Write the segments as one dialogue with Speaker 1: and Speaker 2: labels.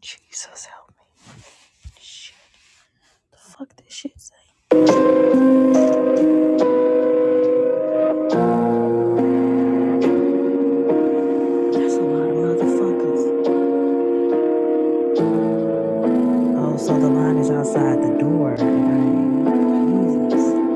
Speaker 1: Jesus help me. Shit. The fuck this shit say? That's a lot of motherfuckers. Oh, so the line is outside the door. and I- mean, Jesus.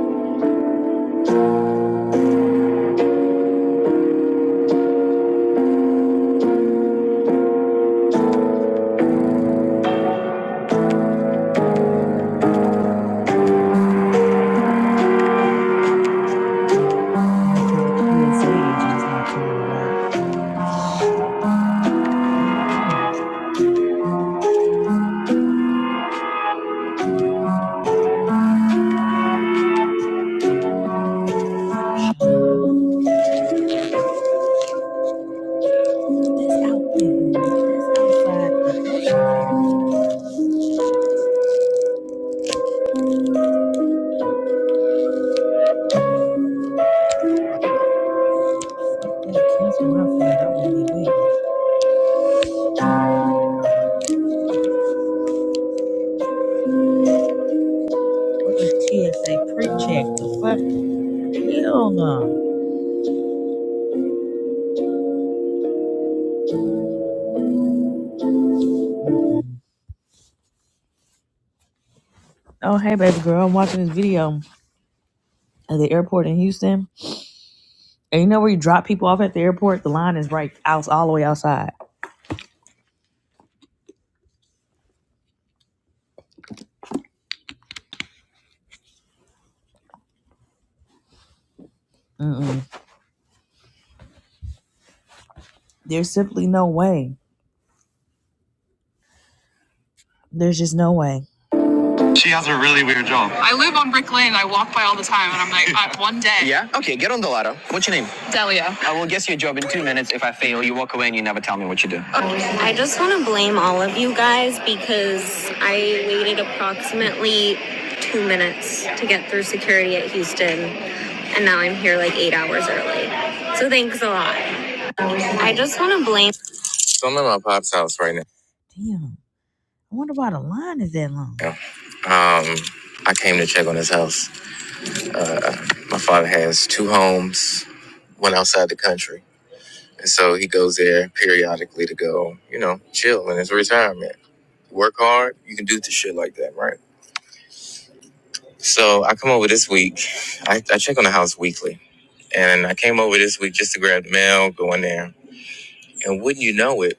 Speaker 1: I feel the kids' age is not coming around. It's out there, bitch. It's outside. The door. my friend. I wouldn't be with What the TSA pre-check? The fuck? Hell no. Oh, hey, baby girl. I'm watching this video at the airport in Houston. And you know where you drop people off at the airport? The line is right out all the way outside. Mm-mm. There's simply no way. There's just no way. She has a really weird job. I live on Brick Lane. I walk by all the time, and I'm like, I, one day. Yeah. Okay. Get on the ladder. What's your name? Delia. I will guess your job in two minutes. If I fail, you walk away and you never tell me what you do. Okay. I just want to blame all of you guys because I waited approximately two minutes to get through security at Houston, and now I'm here like eight hours early. So thanks a lot. I just want to blame. So I'm at my pop's house right now. Damn. I wonder why the line is that long. Yeah. Um, I came to check on his house. Uh, my father has two homes, one outside the country. And so he goes there periodically to go, you know, chill in his retirement. Work hard, you can do the shit like that, right? So I come over this week. I, I check on the house weekly. And I came over this week just to grab the mail, go in there. And wouldn't you know it,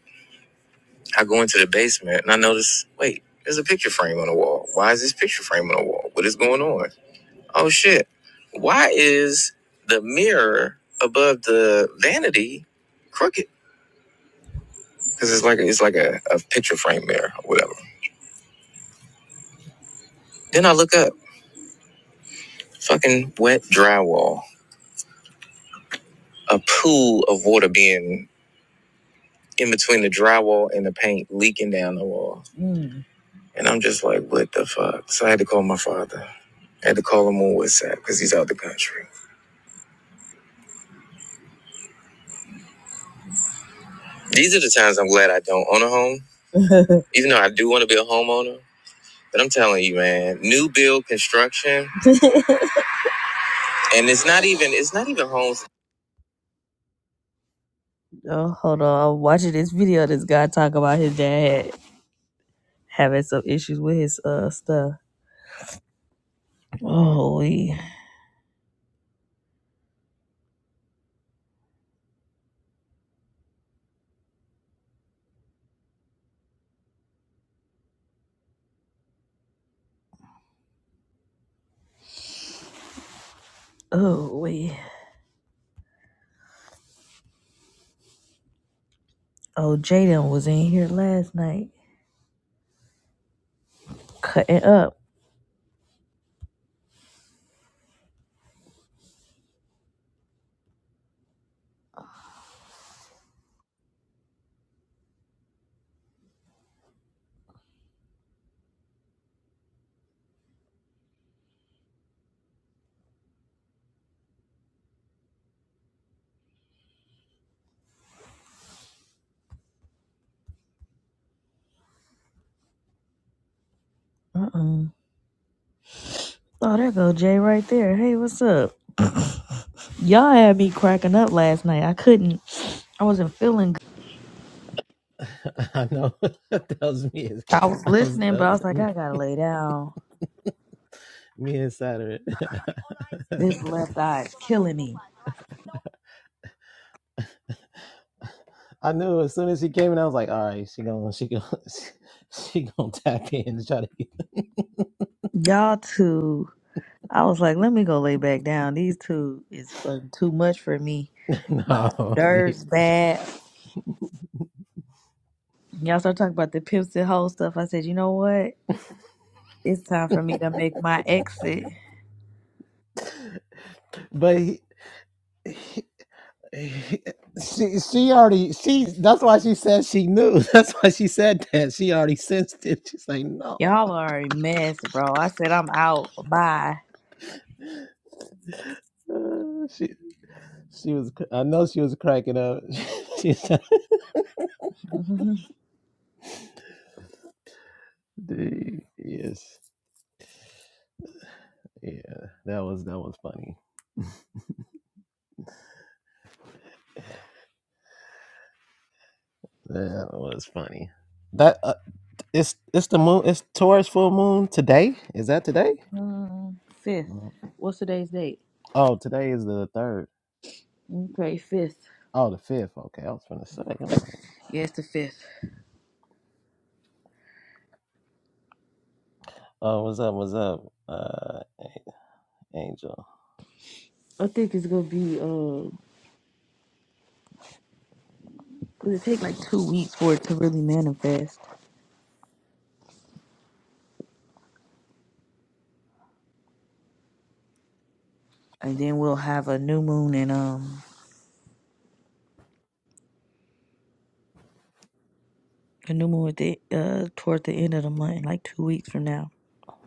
Speaker 1: I go into the basement and I notice, wait, there's a picture frame on the wall. Why is this picture frame on the wall? What is going on? oh shit, why is the mirror above the vanity crooked? Because it's like it's like a, a picture frame mirror or whatever. Then I look up fucking wet drywall, a pool of water being in between the drywall and the paint leaking down the wall. Mm. And I'm just like, what the fuck? So I had to call my father. I had to call him on WhatsApp because he's out the country. These are the times I'm glad I don't own a home. Even though I do want to be a homeowner, But I'm telling you, man, new build construction, and it's not even it's not even homes. Oh, hold on. I'm watching this video. of This guy talk about his dad having some issues with his uh stuff. Oh we, oh we. Oh Jaden was in here last night cutting up. Uh uh Oh, there go Jay right there. Hey, what's up? Y'all had me cracking up last night. I couldn't. I wasn't feeling. Good.
Speaker 2: I know that was me.
Speaker 1: I was
Speaker 2: I was
Speaker 1: listening, but
Speaker 2: that
Speaker 1: I
Speaker 2: was
Speaker 1: was like,
Speaker 2: me,
Speaker 1: I gotta lay down.
Speaker 2: me and Saturn.
Speaker 1: This left eye is killing me.
Speaker 2: I knew as soon as he came in, I was like, "All right, she gonna, she gonna, she, gonna tap in to try to get."
Speaker 1: Y'all two, I was like, let me go lay back down. These two is uh, too much for me. My
Speaker 2: No,
Speaker 1: nerves bad. Y'all start talking about the pimps and hoes stuff. I said, you know what? It's time for me to make my exit.
Speaker 2: but he, he- she, she already, she. That's why she said she knew. That's why she said that. She already sensed it. She's like, "No."
Speaker 1: Y'all are a mess, bro. I said I'm out. Bye.
Speaker 2: Uh, She, she was. cr- I know she was cracking up. She "Dude, yes." Yeah, that was that was funny. That was funny. That uh, it's it's the moon. It's Taurus full moon today. Is that today?
Speaker 1: Mm, fifth.
Speaker 2: Mm.
Speaker 1: What's today's date?
Speaker 2: Oh, today is the third.
Speaker 1: Okay, fifth.
Speaker 2: Oh, the fifth. Okay, I was gonna say. I'm like,
Speaker 1: Yeah, it's the fifth.
Speaker 2: oh, what's up? What's up, uh, Angel?
Speaker 1: I think it's gonna be uh, it'll take like two weeks for it to really manifest, and then we'll have a new moon and um. a new moon at the uh toward the end of the month, like two weeks from now.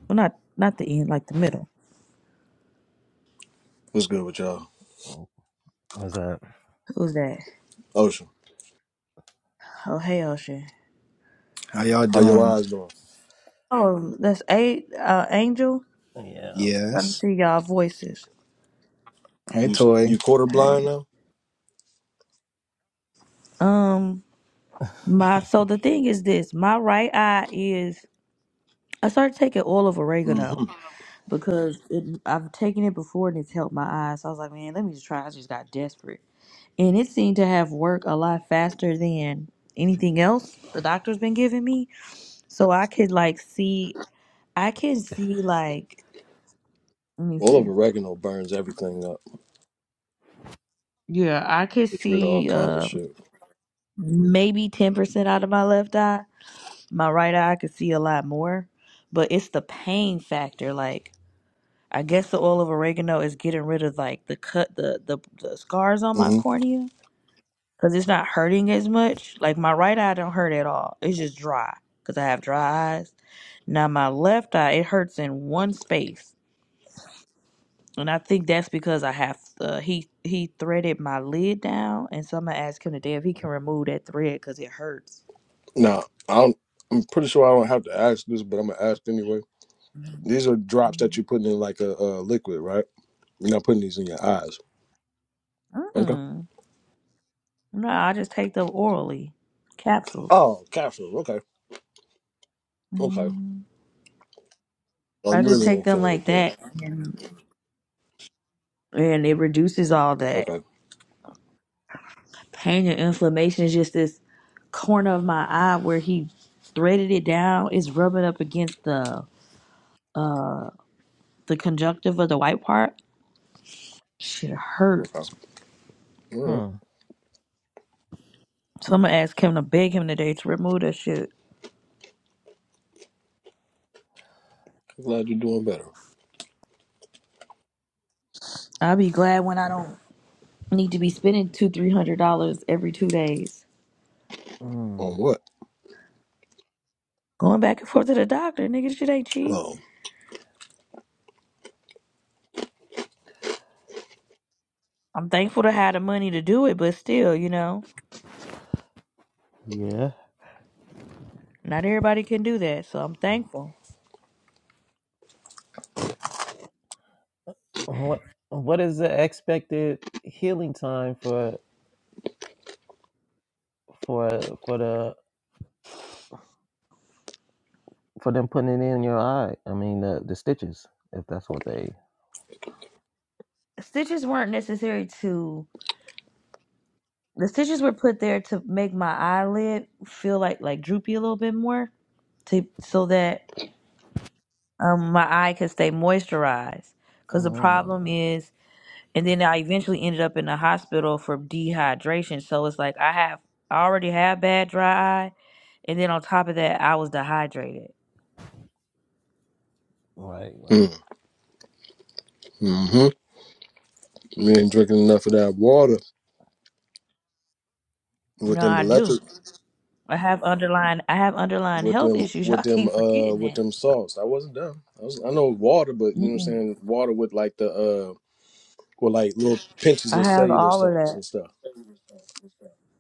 Speaker 1: Well, not not the end, like the middle.
Speaker 3: What's good with y'all?
Speaker 2: Mm, What's up?
Speaker 1: Who's that?
Speaker 3: Ocean,
Speaker 1: Oh, hey, Ocean.
Speaker 4: How y'all
Speaker 3: How your
Speaker 4: doing?
Speaker 3: eyes doing?
Speaker 1: Oh, that's eight. Uh, Angel.
Speaker 2: Yeah.
Speaker 1: Trying to
Speaker 4: Yes.
Speaker 1: see y'all voices.
Speaker 4: Hey,
Speaker 3: you
Speaker 4: Toy.
Speaker 3: you quarter blind
Speaker 1: Hey.
Speaker 3: now?
Speaker 1: Um, my so the thing is this. My right eye is. I started taking oil of oregano
Speaker 3: Mm-hmm.
Speaker 1: because it, I've taken it before and it's helped my eyes. So I was like, man, let me just try. I just got desperate. and it seemed to have worked a lot faster than anything else the doctor's been giving me. So I could like see, I can see like, let me
Speaker 3: Well, of
Speaker 1: see.
Speaker 3: oregano burns everything up.
Speaker 1: Yeah, I could
Speaker 3: Gets rid of all
Speaker 1: see
Speaker 3: kinds of
Speaker 1: uh,
Speaker 3: shit.
Speaker 1: maybe 10% out of my left eye. My right eye, I could see a lot more, but it's the pain factor. Like, I guess the oil of oregano is getting rid of like the cut, the, the, the scars on my
Speaker 3: hmm
Speaker 1: cornea because it's not hurting as much. Like my right eye don't hurt at all. It's just dry because I have dry eyes. Now my left eye it hurts in one space, and I think that's because I have uh, he he threaded my lid down, and so I'm gonna ask him today if he can remove that thread because it hurts.
Speaker 3: Now, I don't, I'm pretty sure I don't have to ask this, but I'm gonna ask anyway. These are drops that you're putting in like a, a liquid, right? You're not putting these in your eyes. Okay.
Speaker 1: Mm. No, I just take them orally, capsules.
Speaker 3: Oh, capsule. Okay. Okay.
Speaker 1: Mm.
Speaker 3: Oh,
Speaker 1: I
Speaker 3: you
Speaker 1: just
Speaker 3: really
Speaker 1: take
Speaker 3: ain't
Speaker 1: them
Speaker 3: feeling it
Speaker 1: like
Speaker 3: then.
Speaker 1: that, and and it reduces all that.
Speaker 3: Okay.
Speaker 1: pain and inflammation is just this corner of my eye where he threaded it down. It's rubbing up against the uh the conjunctive of the white part. Shit
Speaker 3: Okay.
Speaker 1: hurts.
Speaker 3: All right.
Speaker 2: hmm.
Speaker 1: So I'm gonna ask him to beg him today to remove that shit.
Speaker 3: I'm glad you're doing better.
Speaker 1: I'll be glad when I don't need to be spending two, three hundred dollars every two days.
Speaker 3: On
Speaker 2: Mm.
Speaker 3: what?
Speaker 1: Going back and forth to the doctor, nigga, shit ain't cheap.
Speaker 3: Oh.
Speaker 1: I'm thankful to have the money to do it, but still, you know,
Speaker 2: Yeah.
Speaker 1: not everybody can do that. So I'm thankful.
Speaker 2: What What is the expected healing time for for for the for them putting it in your eye. I mean, the the stitches, if that's what they.
Speaker 1: Stitches weren't necessary to The stitches were put there to make my eyelid feel like like droopy a little bit more, to so that um my eye could stay moisturized. Cause the problem
Speaker 2: Mm,
Speaker 1: is, and then I eventually ended up in the hospital for dehydration. So it's like I have I already have bad dry eye, and then on top of that, I was dehydrated.
Speaker 2: right, right.
Speaker 3: Mm. hmm Mm-hmm. You ain't drinking enough of that water with
Speaker 1: No,
Speaker 3: them
Speaker 1: I do.
Speaker 3: electric
Speaker 1: I have underlying I have underlying
Speaker 3: with
Speaker 1: health
Speaker 3: them
Speaker 1: issues.
Speaker 3: with
Speaker 1: Y'all
Speaker 3: them
Speaker 1: keep
Speaker 3: uh
Speaker 1: forgetting
Speaker 3: with
Speaker 1: that.
Speaker 3: them salts. I wasn't dumb. I was I know water, but you know what I'm
Speaker 1: Mm-mm.
Speaker 3: saying water with like the uh with like little pinches
Speaker 1: I
Speaker 3: of
Speaker 1: have
Speaker 3: cellular
Speaker 1: all of
Speaker 3: salts
Speaker 1: that.
Speaker 3: and stuff.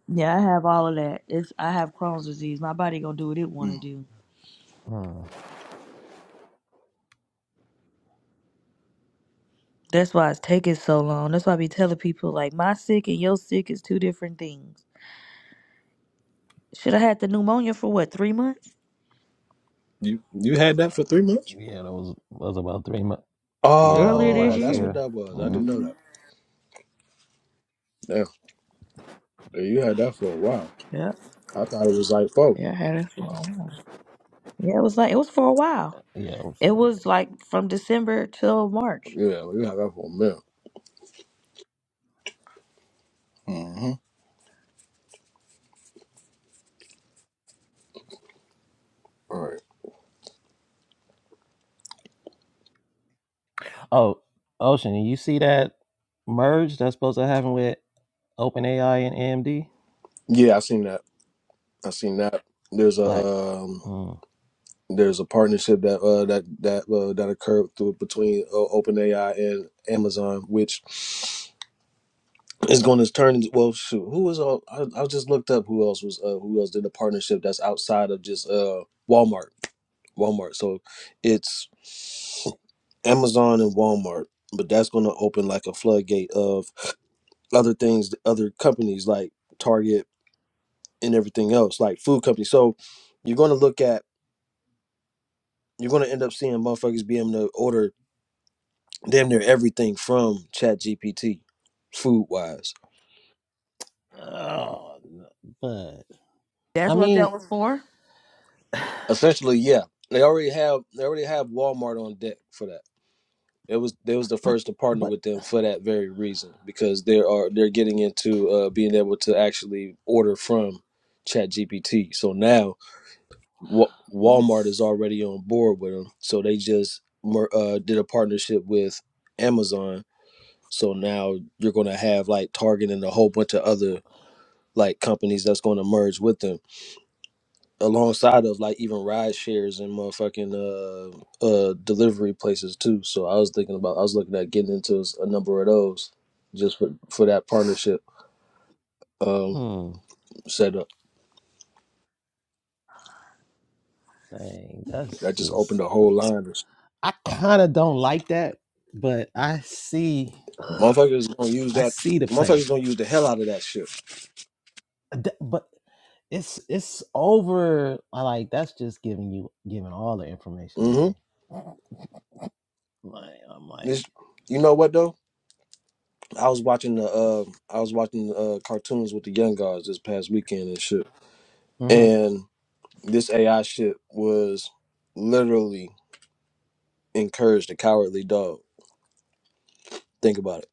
Speaker 1: Yeah, I have all of that. It's I have Crohn's disease. My body gonna do what it
Speaker 3: Mm.
Speaker 1: wanna do.
Speaker 2: Mm.
Speaker 1: That's why it's taking so long. That's why I be telling people like my sick and your sick is two different things. Should I had the pneumonia for what three months
Speaker 3: You you had that for three months?
Speaker 2: Yeah, that was was about three months. Yeah, that was
Speaker 1: earlier this
Speaker 3: Oh,
Speaker 2: last
Speaker 3: that's
Speaker 1: year.
Speaker 3: what
Speaker 2: year.
Speaker 3: that was. I
Speaker 2: Yeah,
Speaker 3: didn't know
Speaker 1: Mm-hmm.
Speaker 3: that. Damn, Yeah, you had that for a while.
Speaker 1: Yeah,
Speaker 3: I thought it was like four.
Speaker 1: yeah, I had it for a while. Yeah, it was like it was for a while.
Speaker 2: yeah. It was,
Speaker 1: It was like from December till March.
Speaker 3: Yeah, well, you had that for a minute. Mm-hmm. All right.
Speaker 2: oh, Ocean, you see that merge that's supposed to happen with OpenAI and AMD?
Speaker 3: Yeah, I seen that. I seen that. There's a
Speaker 2: Like,
Speaker 3: um
Speaker 2: mm.
Speaker 3: There's a partnership that uh, that that uh, that occurred through, between uh, OpenAI and Amazon, which is going to turn into well, shoot, who was all? I, I just looked up who else was uh, who else did a partnership that's outside of just uh, Walmart. Walmart. So it's Amazon and Walmart, but that's going to open like a floodgate of other things, other companies like Target and everything else, like food companies. So you're going to look at, you're going to end up seeing motherfuckers being able to order damn near everything from ChatGPT, food wise.
Speaker 2: oh, no, but
Speaker 1: That's
Speaker 2: I
Speaker 1: what
Speaker 2: mean,
Speaker 1: that was for.
Speaker 3: Essentially, yeah, they already have they already have Walmart on deck for that. It was they was the
Speaker 2: But
Speaker 3: first to partner
Speaker 2: but
Speaker 3: with them for that very reason because they are they're getting into uh, being able to actually order from ChatGPT. So now Wa Walmart is
Speaker 2: that's
Speaker 3: already on board with them. So they just mer- uh, did a partnership with Amazon. So now you're going to have like Target and a whole bunch of other like companies that's going to merge with them alongside of like even ride shares and motherfucking uh uh delivery places too. So I was thinking about I was looking at getting into s- a number of those just for for that partnership um
Speaker 2: hmm,
Speaker 3: setup.
Speaker 2: dang, that's
Speaker 3: That just opened
Speaker 2: just
Speaker 3: a whole line. of s-
Speaker 2: I kind of don't like that, but I see
Speaker 3: Motherfuckers gonna use
Speaker 2: I
Speaker 3: that.
Speaker 2: see the play.
Speaker 3: Motherfuckers gonna use the hell out of that shit.
Speaker 2: Th- But it's it's over. I like that's just giving you giving all the information away.
Speaker 3: Mm-hmm.
Speaker 2: Mm, Like I'm like,
Speaker 3: It's, you know what though? I was watching the uh I was watching uh cartoons with the young guys this past weekend and shit.
Speaker 2: hmm
Speaker 3: And this AI shit was literally encouraged the cowardly dog. Think about it.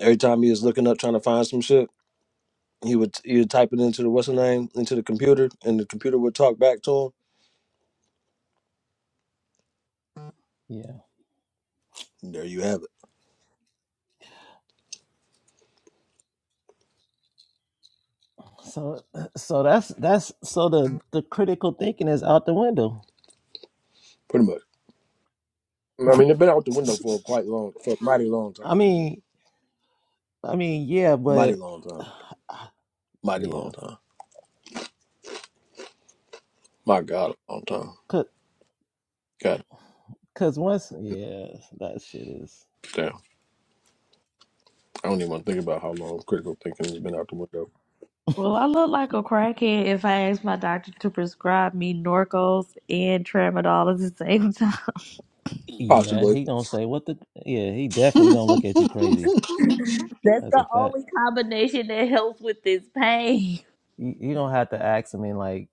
Speaker 3: Every time he was looking up trying to find some shit, he would he would type it into the what's the name into the computer, and the computer would talk back to him.
Speaker 2: yeah.
Speaker 3: And there you have it,
Speaker 2: So uh, so that's that's so the the critical thinking is out the window.
Speaker 3: pretty much. I mean, they've been out the window for quite long, for a mighty long time,
Speaker 2: I mean I mean yeah,
Speaker 3: mighty
Speaker 2: but
Speaker 3: long time, mighty long
Speaker 2: yeah.
Speaker 3: time. My God, a long time. God
Speaker 2: Cause once, yeah, that shit is.
Speaker 3: damn, I don't even want to think about how long critical thinking has been out the window.
Speaker 1: Well, I look like a crackhead if I ask my doctor to prescribe me Norcos and Tramadol at the same time.
Speaker 2: Yeah,
Speaker 3: Possibly.
Speaker 2: he gonna say what the. Yeah, he definitely gonna look at you crazy.
Speaker 1: That's
Speaker 2: That's a
Speaker 1: the
Speaker 2: fact.
Speaker 1: only combination that helps with this pain.
Speaker 2: You you don't have to ask him and like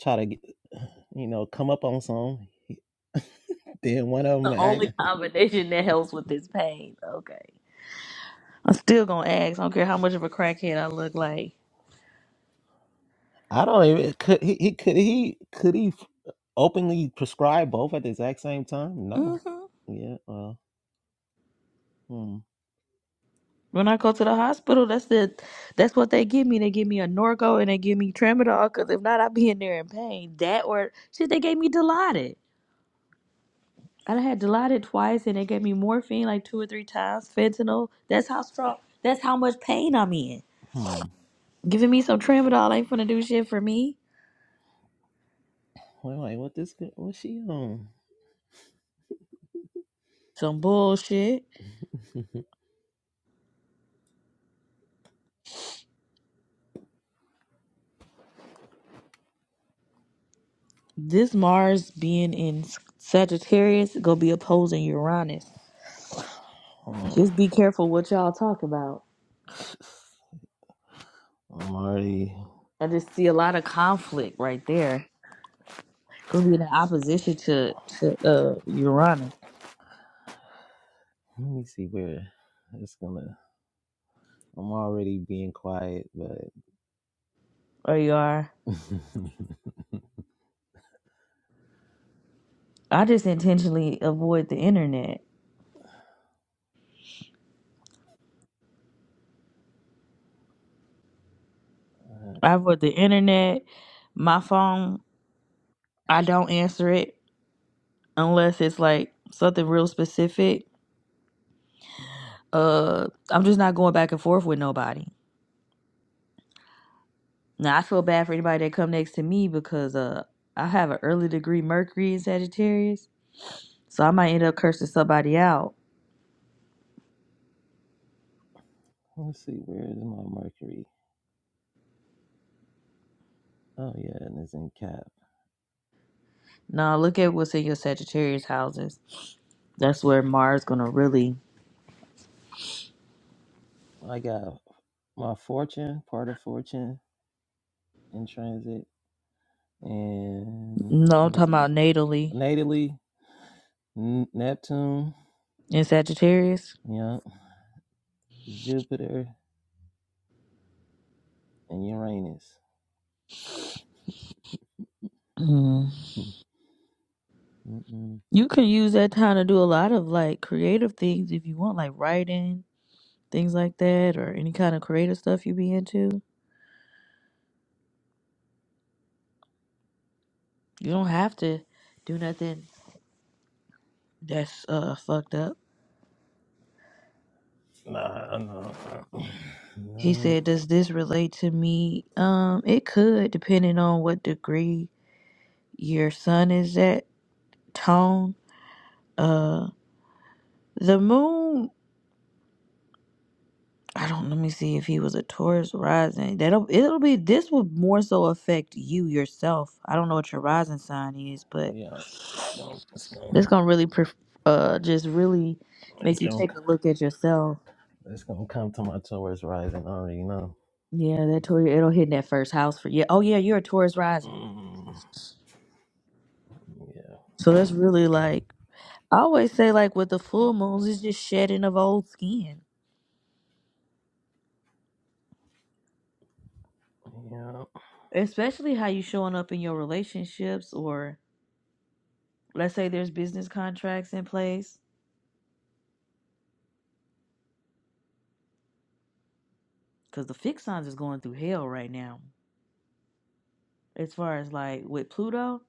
Speaker 2: try to get, you know come up on some. Then one of them
Speaker 1: The
Speaker 2: act.
Speaker 1: only combination that helps with this pain. Okay. I'm still gonna ask. I don't care how much of a crackhead I look like.
Speaker 2: I don't even could he, he could he could he openly prescribe both at the exact same time?
Speaker 1: hmm
Speaker 2: No. Yeah. Well. Hmm.
Speaker 1: When I go to the hospital, that's the that's what they give me. They give me a Norco and they give me Tramadol. Cause if not, I'd be in there in pain. That or shit, they gave me Dilaudid. I done had Dilaudid twice, and they gave me morphine like two or three times. Fentanyl. That's how strong. That's how much pain I'm in.
Speaker 2: Hmm.
Speaker 1: Giving me some Tramadol ain't gonna do shit for me.
Speaker 2: Well, like what this? girl- What she on?
Speaker 1: Some bullshit. This Mars being in Sagittarius gonna be opposing Uranus.
Speaker 2: Oh,
Speaker 1: Just be careful what y'all talk about.
Speaker 2: I'm already.
Speaker 1: Just to, uh Uranus
Speaker 2: Let me see where it's gonna. I'm already being quiet, but
Speaker 1: or you are.
Speaker 2: uh,
Speaker 1: I just intentionally avoid the internet. I avoid the internet. My phone, I don't answer it unless it's like something real specific. Uh, I'm just not going back and forth with nobody. Now I feel bad for anybody that come next to me because uh I have an early degree Mercury in Sagittarius. So I might end up cursing somebody out.
Speaker 2: let's see, where is my Mercury? Oh yeah, and it's in Cap.
Speaker 1: Now look at what's in your Sagittarius houses. That's where Mars gonna really.
Speaker 2: I got my fortune, part of fortune in transit, and
Speaker 1: No, I'm
Speaker 2: what is
Speaker 1: talking
Speaker 2: it?
Speaker 1: about natally
Speaker 2: Natally, N- Neptune,
Speaker 1: in Sagittarius.
Speaker 2: yeah, Jupiter, and Uranus.
Speaker 1: Mm.
Speaker 2: Mm, Mm-mm.
Speaker 1: You can use that time to do a lot of like creative things if you want, like writing, things like that, or any kind of creative stuff you be into. You don't have to do nothing that's uh fucked up.
Speaker 2: Nah, no,
Speaker 1: He
Speaker 2: nah.
Speaker 1: said, "Does this relate to me?" Um, it could, depending on what degree your sun is at tone Uh, the moon. I don't. Let me see if he was a Taurus rising. That'll. It'll be. This will more so affect you yourself. I don't know what your rising sign is, but
Speaker 2: yeah, it's gonna, it's
Speaker 1: this
Speaker 2: gonna,
Speaker 1: gonna really. Pref- uh, just really
Speaker 2: it's
Speaker 1: make you
Speaker 2: gonna,
Speaker 1: take a look at yourself.
Speaker 2: it's gonna come to my Taurus rising. I already know.
Speaker 1: Yeah, that Taurus. It'll hit in that first house for you. Oh yeah, you're a Taurus rising.
Speaker 2: Mm, yeah.
Speaker 1: So that's really like. I always say like with the full moons, it's just shedding of old skin.
Speaker 2: Yeah.
Speaker 1: Especially how you showing up in your relationships or let's say there's business contracts in place because the fixed signs is going through hell right now. As far as like with Pluto,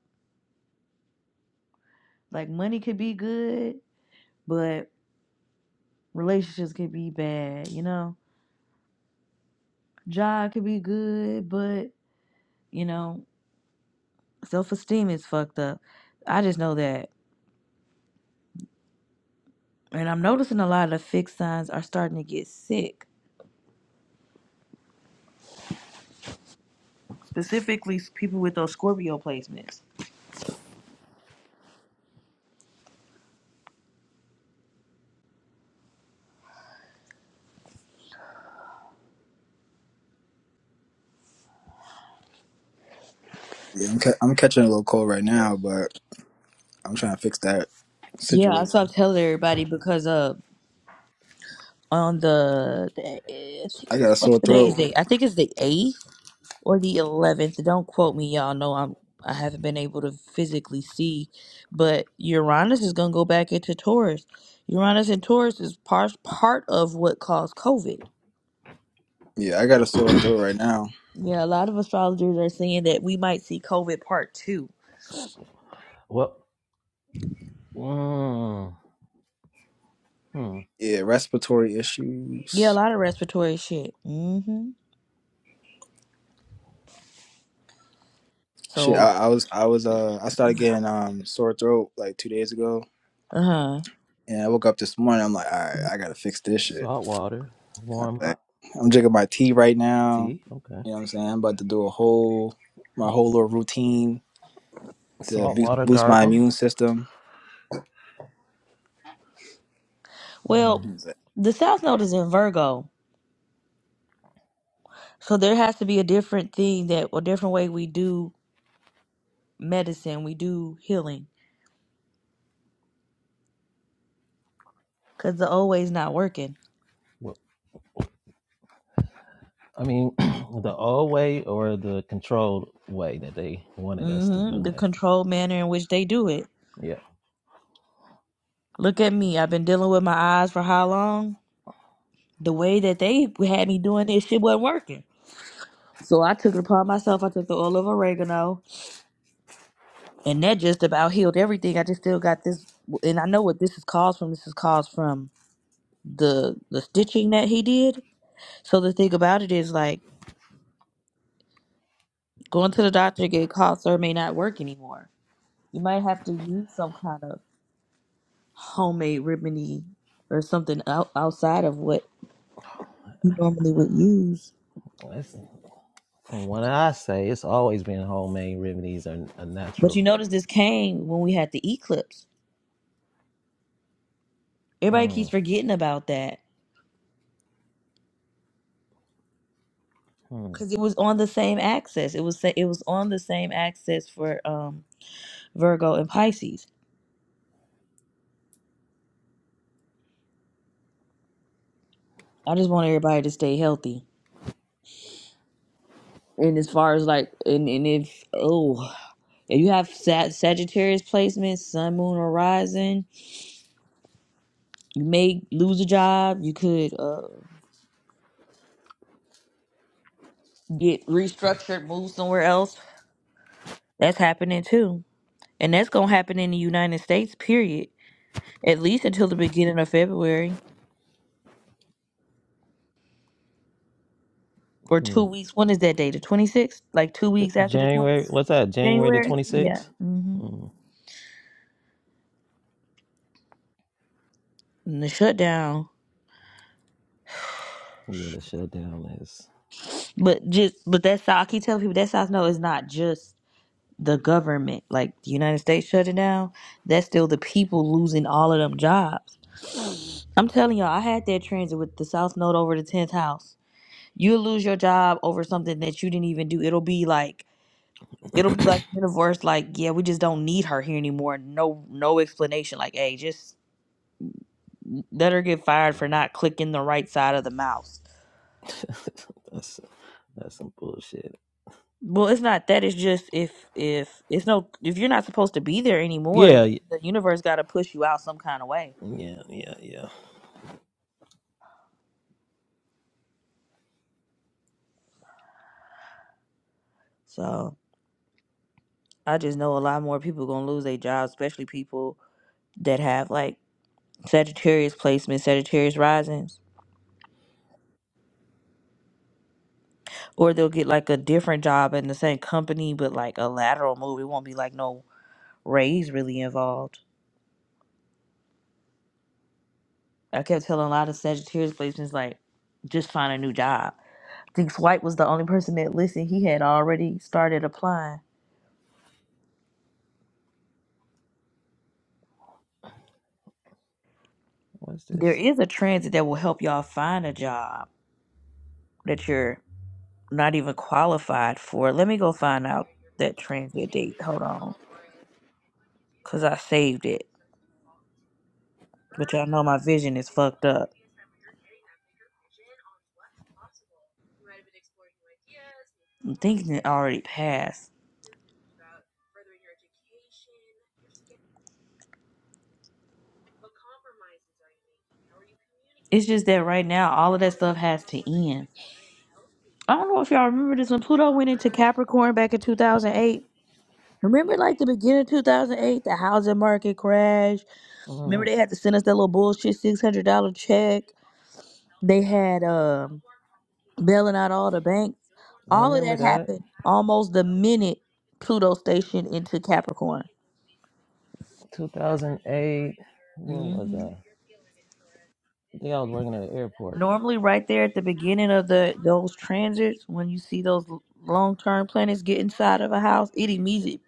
Speaker 1: like money could be good, but relationships could be bad. You know, job could be good, but you know, self esteem is fucked up. I just know that, and I'm noticing a lot of the fixed signs are starting to get sick.
Speaker 4: Yeah, I'm ca- I'm catching a little cold right now, but I'm trying to fix that
Speaker 1: Yeah, I
Speaker 4: situation.
Speaker 1: stopped telling everybody because uh on the, the I think
Speaker 4: I got
Speaker 1: it's
Speaker 4: a
Speaker 1: what's
Speaker 4: sore
Speaker 1: today's
Speaker 4: throat.
Speaker 1: date? I think it's the eighth or the 11th. Don't quote me, y'all know I'm I haven't been able to physically see, but Uranus is going to go back into Taurus. Uranus and Taurus is part part of what caused COVID.
Speaker 4: Yeah, I got a sore throat right now.
Speaker 1: Yeah, a lot of astrologers are saying that we might see COVID part 2.
Speaker 2: Well, mm, hmm.
Speaker 4: Yeah, respiratory
Speaker 1: Yeah, a
Speaker 4: issues.
Speaker 1: lot of respiratory shit. Mhm.
Speaker 4: Shit,
Speaker 1: So,
Speaker 4: I, I was I was uh I started getting um sore throat like two days ago,
Speaker 1: uh-huh.
Speaker 4: and I woke up this morning. I'm like, all right, I gotta fix this shit.
Speaker 2: Salt water,
Speaker 4: I was
Speaker 2: warm
Speaker 4: like,
Speaker 2: hot
Speaker 4: I'm drinking my tea right now.
Speaker 2: tea. Okay.
Speaker 4: You know what I'm saying? I'm about to do a whole my whole little routine to
Speaker 2: Salt
Speaker 4: bu-
Speaker 2: water
Speaker 4: boost my
Speaker 2: gargle.
Speaker 4: immune system.
Speaker 1: Well,
Speaker 2: Mm.
Speaker 1: the South Node is in Virgo. So there has to be a different thing that a different way we do medicine, we do healing cuz the old way's not working.
Speaker 2: Well, I mean, the old way or the controlled way that they wanted us to
Speaker 1: hmm
Speaker 2: do
Speaker 1: The
Speaker 2: method.
Speaker 1: controlled manner in which they do it.
Speaker 2: Yeah.
Speaker 1: Look at me. I've been dealing with my eyes for how long? The way that they had me doing this shit wasn't working. So I took it upon myself. I took the oil of oregano, and that just about healed everything. I just still got this, and I know what this is caused from. This is caused from the the stitching that he did. So the thing about it is, like going to the doctor to get caught, sir, may not work anymore. You might have to use some kind of homemade remedy or something out, outside of what you normally would use.
Speaker 2: That's, from what I say, it's always been homemade remedies are, are
Speaker 1: But you
Speaker 2: natural.
Speaker 1: notice this came when we had the eclipse. Everybody keeps
Speaker 2: Mm,
Speaker 1: forgetting about that
Speaker 2: mm,
Speaker 1: because it was on the same axis. It was sa- it was on the same axis for um, Virgo and Pisces. I just want everybody to stay healthy. And as far as like, and, and if oh, if you have Sag- Sagittarius placement, Sun, Moon, or Rising, you may lose a job. You could uh, get restructured, move somewhere else. That's happening too, and that's gonna happen in the United States. Period at least until the beginning of February or two
Speaker 2: mm.
Speaker 1: weeks. When is that day? The 26th? Like two
Speaker 2: The-
Speaker 1: weeks after the
Speaker 2: January,
Speaker 1: 20th?
Speaker 2: what's that? January the
Speaker 1: January? Yeah.
Speaker 2: 26th?
Speaker 1: hmm
Speaker 2: Mm.
Speaker 1: And the shutdown.
Speaker 2: Yeah, the shutdown is.
Speaker 1: But just, but that's how I keep telling people that's how I know it's not just the government, like the United States shutting down. That's still the people losing all of them jobs. I'm telling y'all, I had that transit with the South Node over the 10th house. You'll lose your job over something that you didn't even do. It'll be like It'll be like the universe, like, yeah, we just don't need her here anymore. No no explanation. Like, hey, just let her get fired for not clicking the right side of the mouse.
Speaker 2: That's That's some bullshit.
Speaker 1: Well, it's not that, it's just if if it's no if you're not supposed to be there anymore, the,
Speaker 2: Yeah, y-
Speaker 1: the universe gotta push you out some kind of way.
Speaker 2: Yeah, yeah, yeah.
Speaker 1: So I just know a lot more people gonna lose their jobs, especially people that have like Sagittarius placements, Sagittarius risings. Or they'll get like a different job in the same company but like a lateral move. It won't be like no Ray's really involved. I kept telling a lot of Sagittarius placements like, just find a new job. I think Swipe was the only person that listened. He had already started applying.
Speaker 2: What's
Speaker 1: There
Speaker 2: this?
Speaker 1: is a transit that will help y'all find a job that you're not even qualified for. Let me go find out that transit date. Hold on. Because I saved it. But y'all know my vision is fucked up. I'm thinking it already passed. It's just that right now, all of that stuff has to end. I don't know if y'all remember this when Pluto went into Capricorn back in 2008. Remember, like the beginning of 2008, the housing market crash. Remember,
Speaker 2: Mm,
Speaker 1: they had to send us that little bullshit six hundred dollar check. They had um, bailing out all the banks.
Speaker 2: I
Speaker 1: All of
Speaker 2: remember
Speaker 1: that
Speaker 2: that.
Speaker 1: happened almost the minute Pluto stationed into Capricorn.
Speaker 2: 2008. Where was
Speaker 1: hmm
Speaker 2: I? I think I was working at an airport.
Speaker 1: Normally, right there at the beginning of the those transits, when you see those long term planets get inside of a house, it immediately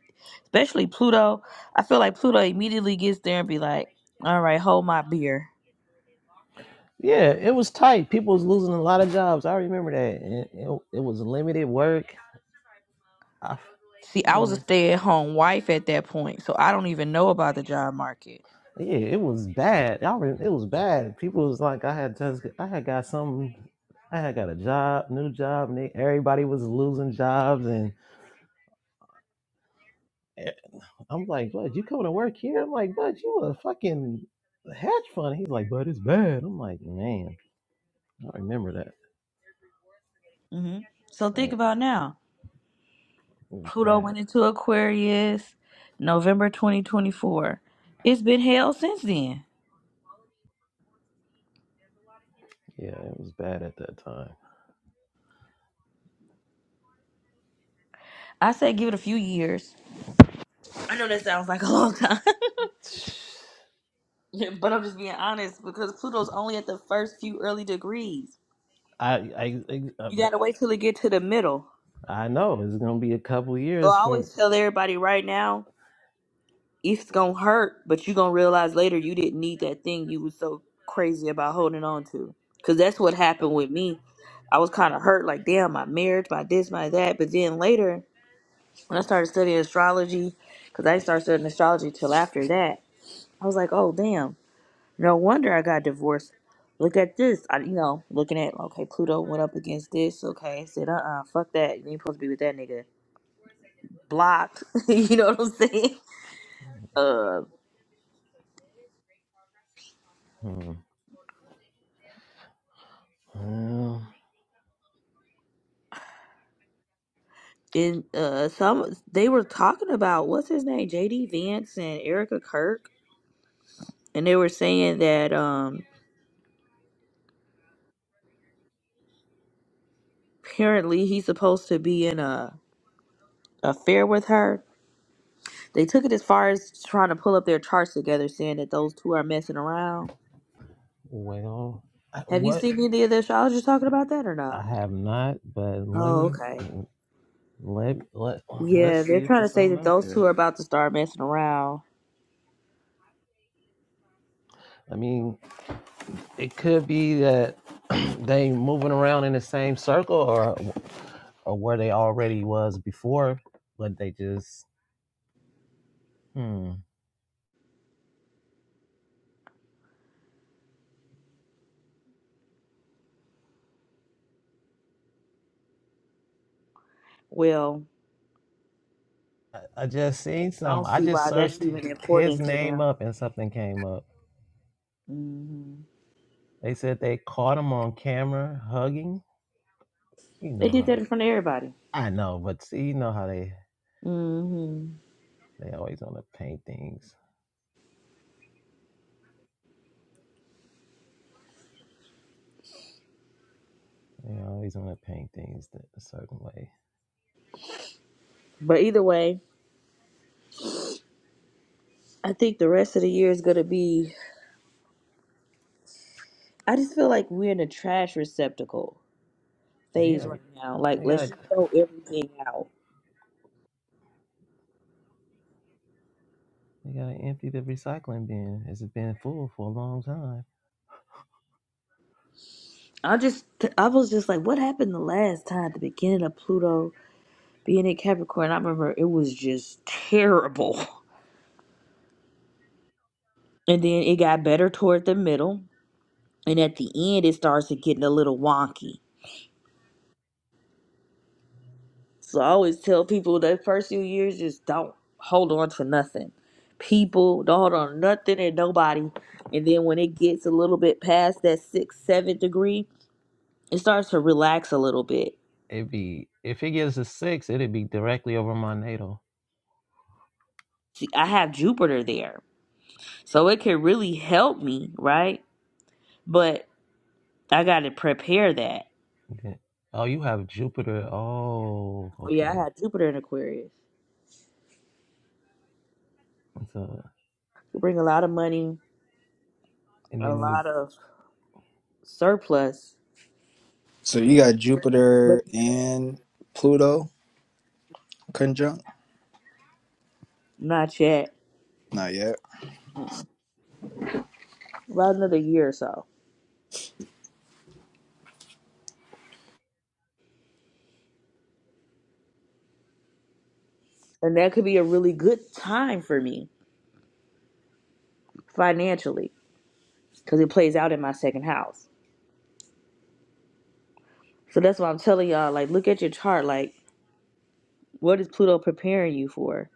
Speaker 1: especially Pluto. I feel like Pluto immediately gets there and be like, "All right, hold my beer."
Speaker 2: Yeah, it was tight. People was losing a lot of jobs. I remember that. And It, it, was limited work. I, f-
Speaker 1: See,
Speaker 2: I
Speaker 1: I was a
Speaker 2: remember.
Speaker 1: stay-at-home wife at that point, so I don't even know about the job market.
Speaker 2: Yeah, it was bad. I re- it was bad. People was like, I had just, I had got some, I had got a job, new job, and they, everybody was losing jobs, and e- I'm like, bud, you coming to work here? I'm like, bud, you a fucking hedge fund. He's like, bud, it's bad. I'm like, man, I remember that.
Speaker 1: hmm So think
Speaker 2: Like,
Speaker 1: about now.
Speaker 2: It was
Speaker 1: Pluto
Speaker 2: bad.
Speaker 1: went into Aquarius November 2024. It's been hell since then.
Speaker 2: Yeah, it was bad at that time.
Speaker 1: I say give it a few years. I know that sounds like a long time, but I'm just being honest because Pluto's only at the first few early degrees.
Speaker 2: I I I, uh,
Speaker 1: You gotta wait till it get to the middle.
Speaker 2: I know it's gonna be a couple
Speaker 1: So
Speaker 2: years
Speaker 1: I
Speaker 2: for.
Speaker 1: always tell everybody right now, it's gonna hurt, but you gonna realize later you didn't need that thing you was so crazy about holding on to. Cause that's what happened with me. I was kind of hurt, like damn, my marriage, my this, my that. But then later, when I started studying astrology, cause I didn't start studying astrology till after that, I was like, oh damn. No wonder I got divorced. Look at this. I, you know, looking at, okay, Pluto went up against this. Okay, I said, uh uh fuck that. You ain't supposed to be with that nigga. Blocked. you know what I'm saying? Uh,
Speaker 2: Hmm. Well,
Speaker 1: in uh, some they were talking about what's his name, JD Vance and Erica Kirk, and they were saying that um, apparently he's supposed to be in a affair with her. They took it as far as trying to pull up their charts together, saying that those two are messing around.
Speaker 2: well, I,
Speaker 1: Have you
Speaker 2: what
Speaker 1: seen any of the astrologers talking about that or no?
Speaker 2: I have not, but let
Speaker 1: Oh,
Speaker 2: me
Speaker 1: okay.
Speaker 2: let let let's
Speaker 1: Yeah,
Speaker 2: see
Speaker 1: they're
Speaker 2: if
Speaker 1: trying to
Speaker 2: there's
Speaker 1: say
Speaker 2: something
Speaker 1: that
Speaker 2: out
Speaker 1: those two
Speaker 2: there.
Speaker 1: are about to start messing around.
Speaker 2: I mean, it could be that they moving around in the same circle, or. or where they already was before, but they just hmm.
Speaker 1: Well,
Speaker 2: I, I just seen
Speaker 1: I
Speaker 2: some.
Speaker 1: don't
Speaker 2: I
Speaker 1: see
Speaker 2: just
Speaker 1: why that's
Speaker 2: searched
Speaker 1: even
Speaker 2: his
Speaker 1: important to
Speaker 2: name
Speaker 1: them.
Speaker 2: up and something came up.
Speaker 1: hmm
Speaker 2: They said they caught him on camera hugging. You
Speaker 1: They
Speaker 2: know
Speaker 1: did that
Speaker 2: how
Speaker 1: in front of everybody.
Speaker 2: I know, but see, you know how they
Speaker 1: hmm
Speaker 2: they always want to paint things. They always want to paint things th- a certain way.
Speaker 1: But either way, I think the rest of the year is going to be. I just feel like we're in a trash receptacle phase
Speaker 2: Yeah,
Speaker 1: right now. Like,
Speaker 2: you
Speaker 1: let's
Speaker 2: gotta
Speaker 1: just throw everything out.
Speaker 2: you gotta empty the recycling bin. It's been full for a long time.
Speaker 1: I just, I was just like, what happened the last time at the beginning of Pluto being in Capricorn? I remember it was just terrible. and then it got better toward the middle and at the end it starts getting a little wonky so i always tell people the first few years just don't hold on to nothing people don't hold on to nothing and nobody and then when it gets a little bit past that sixth seventh degree it starts to relax a little bit
Speaker 2: It'd be if it gives a six, it'd be directly over my NATO.
Speaker 1: see i have jupiter there so it can really help me right but i got to prepare that
Speaker 2: Then, oh, you have Jupiter. Oh,
Speaker 1: yeah i
Speaker 2: okay.
Speaker 1: had jupiter in aquarius
Speaker 2: So,
Speaker 1: It bring a lot of money
Speaker 2: and
Speaker 1: a
Speaker 2: then it'll
Speaker 1: lot
Speaker 2: be.
Speaker 1: of surplus
Speaker 4: So you got
Speaker 1: but
Speaker 4: Jupiter and Pluto conjunct?
Speaker 1: not yet.
Speaker 4: Not yet.
Speaker 1: Mm. About another year or so, and that could be a really good time for me financially because it plays out in my second house. So that's why I'm telling y'all, like, look at your chart. Like, what is Pluto preparing you for?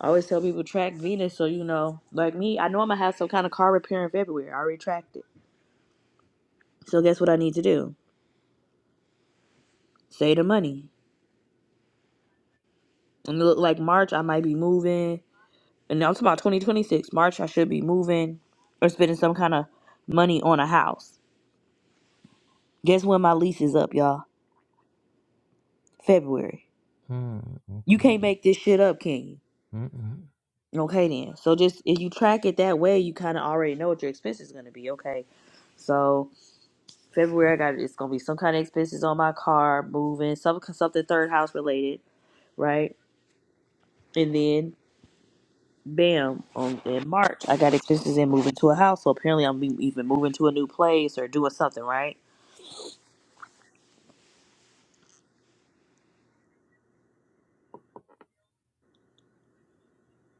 Speaker 1: I always tell people track Venus, so you know, like me, I know I'm gonna have some kind of car repair in February. I already tracked it. So guess what I need to do? Save the money. And it look like March, I might be moving. And I'm talking about 2026. March, I should be moving or spending some kind of money on a house Guess when my lease is up, y'all? February.
Speaker 2: Mm, mm,
Speaker 1: You can't make this shit up, can you?
Speaker 2: mm, mm.
Speaker 1: Okay then. So just if you track it that way, you kind of already know what your expense is gonna be. Okay. So February, I got it's gonna be some kind of expenses on my car, moving, some something third house related, right? And then bam, on in March, I got expenses in moving to a house. So apparently, I'm be- even moving to a new place or doing something, right?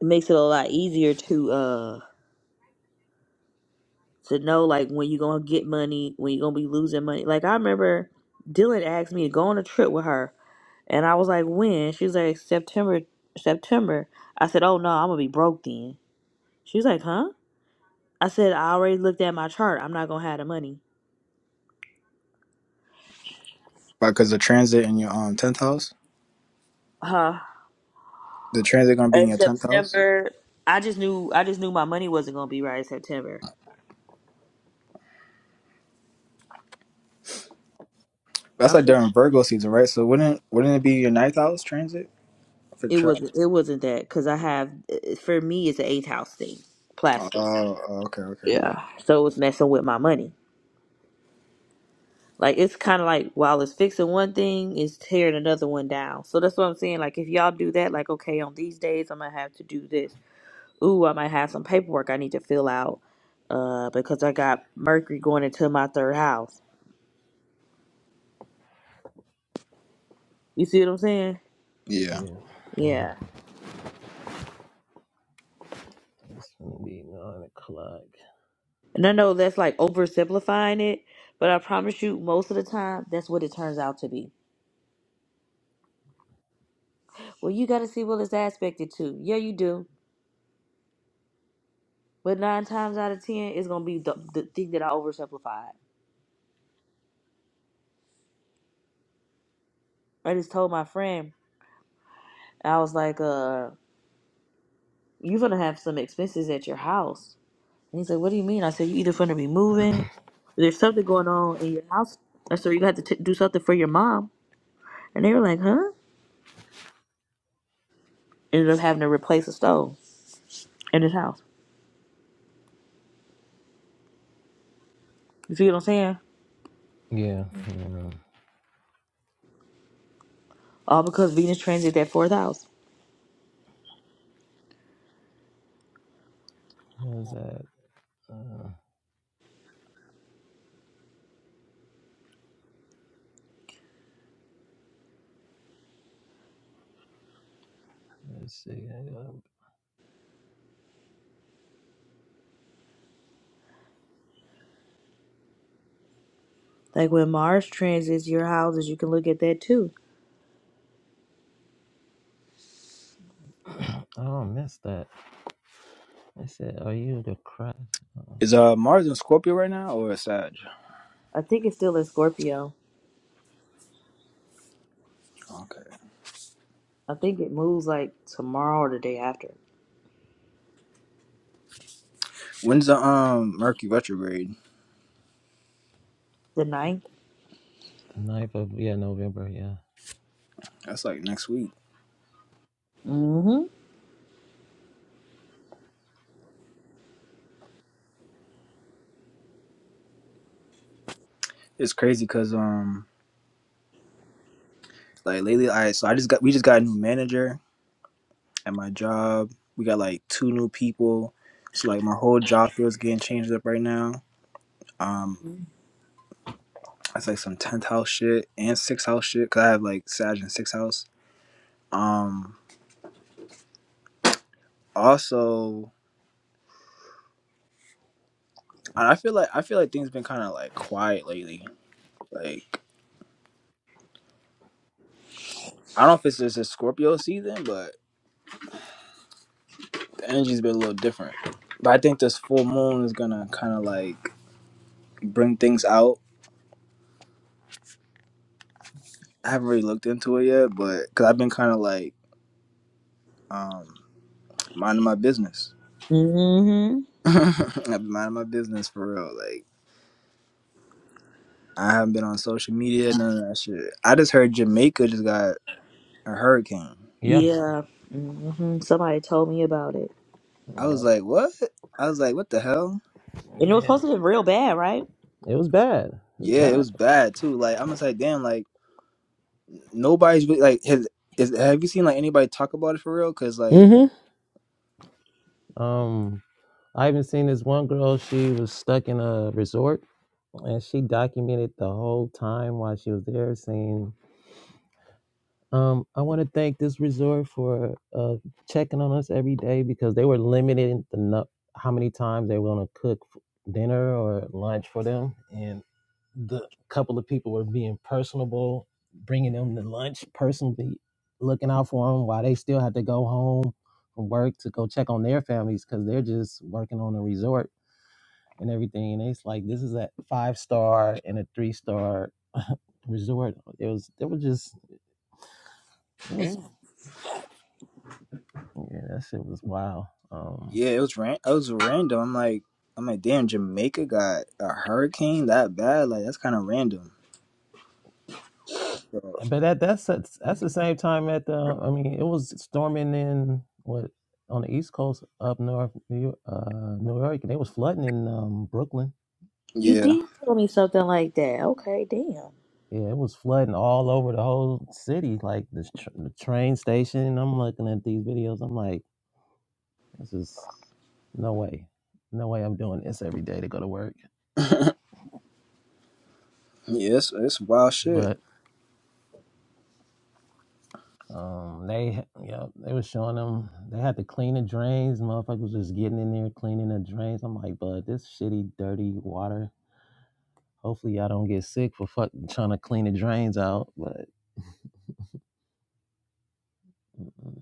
Speaker 1: It makes it a lot easier to uh to know like when you're gonna get money, when you're gonna be losing money. Like I remember Dylan asked me to go on a trip with her and I was like, When? She was like, September September. I said, Oh no, I'm gonna be broke then. She was like, Huh? I said, I already looked at my chart. I'm not gonna have the money.
Speaker 4: Because the transit in your um tenth house,
Speaker 1: Uh
Speaker 4: the transit gonna be in
Speaker 1: in
Speaker 4: your tenth house.
Speaker 1: September I just knew I just knew my money wasn't gonna be right in September. I
Speaker 4: That's like
Speaker 1: for,
Speaker 4: during Virgo season, right? So wouldn't wouldn't it be your ninth house transit for?
Speaker 1: it
Speaker 4: Tra-
Speaker 1: wasn't it wasn't that because I have for me it's an eighth house thing.
Speaker 4: oh,
Speaker 1: Plastic.
Speaker 4: oh, okay, okay,
Speaker 1: Yeah. So it was messing with my money. Like it's kind of like while it's fixing one thing, it's tearing another one down. So that's what I'm saying. Like if y'all do that, like okay, on these days I'm gonna have to do this. Ooh, I might have some paperwork I need to fill out, uh, because I got Mercury going into my third house. You see what I'm saying?
Speaker 4: yeah.
Speaker 2: Yeah. Oh,
Speaker 1: Yeah.
Speaker 2: it's gonna be nine o'clock.
Speaker 1: And I know that's like oversimplifying it, but I promise you, most of the time that's what it turns out to be. Well, you got to see what it's aspected to. Yeah, you do. But nine times out of ten, it's gonna be the, the thing that I oversimplified. I just told my friend. I was like, uh, you're gonna have some expenses at your house. And he's like, what do you mean? I said, you either gonna be moving, or there's something going on in your house. I said, you have to t- do something for your mom. And they were like, huh? Ended up having to replace a stove in his house. You see what I'm saying?
Speaker 2: Yeah. yeah.
Speaker 1: All because Venus transits that fourth house.
Speaker 2: How's that? Uh, let's see. I,
Speaker 1: Like when Mars transits your houses, you can look at that too.
Speaker 2: got- oh, I missed that. I said, "Are you the crash?" Uh,
Speaker 4: Is uh Mars in Scorpio right now or is Sag?
Speaker 1: I think it's still in Scorpio.
Speaker 4: Okay.
Speaker 1: I think it moves like tomorrow or the day after.
Speaker 4: When's the um Mercury retrograde?
Speaker 1: The ninth.
Speaker 2: the ninth of yeah, November. Yeah.
Speaker 4: That's like next week.
Speaker 1: Mm-hmm.
Speaker 4: It's crazy because um like lately I so I just got we just got a new manager at my job. We got like two new people. So like my whole job feels getting changed up right now. Um, that's like some tenth house shit and sixth house shit. Cause I have like Sag and sixth house. Um, also, I I feel like I feel like things been kind of like quiet lately. Like I don't know if it's just a Scorpio season, but the energy's been a little different. But I think this full moon is gonna kind of like bring things out. I haven't really looked into it yet, but because I've been kind of like um, minding my business
Speaker 1: Mm-hmm.
Speaker 4: I've been minding my business for real. Like I haven't been on social media, none of that shit. I just heard Jamaica just got a hurricane.
Speaker 2: Yeah.
Speaker 1: Yeah. hmm Somebody told me about it.
Speaker 4: I was
Speaker 2: Yep.
Speaker 4: like, what? I was like, what the hell?
Speaker 1: And it was
Speaker 2: Yeah.
Speaker 1: supposed to be real bad, right?
Speaker 2: It was bad. It was
Speaker 4: Yeah, it
Speaker 2: bad.
Speaker 4: was bad too. Like I'm just like, damn. Like nobody's really- like has is have you seen like anybody talk about it for real? Cause like
Speaker 2: Mm-hmm. Um. I even seen this one girl, she was stuck in a resort and she documented the whole time while she was there saying, um, I want to thank this resort for uh, checking on us every day because they were limiting the nu- how many times they were going to cook f- dinner or lunch for them. And the couple of people were being personable, bringing them the lunch personally, looking out for them while they still had to go home from work to go check on their families because they're just working on a resort and everything. And it's like this is a five star and a three star resort. It was it was just it was yeah, that shit was wild. Um
Speaker 4: yeah, it was ran it was random. I'm like I'm like, damn, Jamaica got a hurricane that bad. Like that's kind of random. So,
Speaker 2: but that that's that's that's the same time at the I mean it was storming in what on the east coast up north New York, uh New York and they was flooding in um Brooklyn.
Speaker 1: You
Speaker 4: yeah,
Speaker 1: did tell me something like that. Okay, damn.
Speaker 2: Yeah, it was flooding all over the whole city, like the, tr- the train station. I'm looking at these videos. I'm like, this is no way, no way. I'm doing this every day to go to work.
Speaker 4: yeah, it's, it's wild shit.
Speaker 2: But um, they, yeah, they was showing them they had to clean the drains. Motherfuckers was getting in there cleaning the drains. I'm like, bud, this shitty, dirty water. Hopefully, y'all don't get sick for fuck trying to clean the drains out. But mm,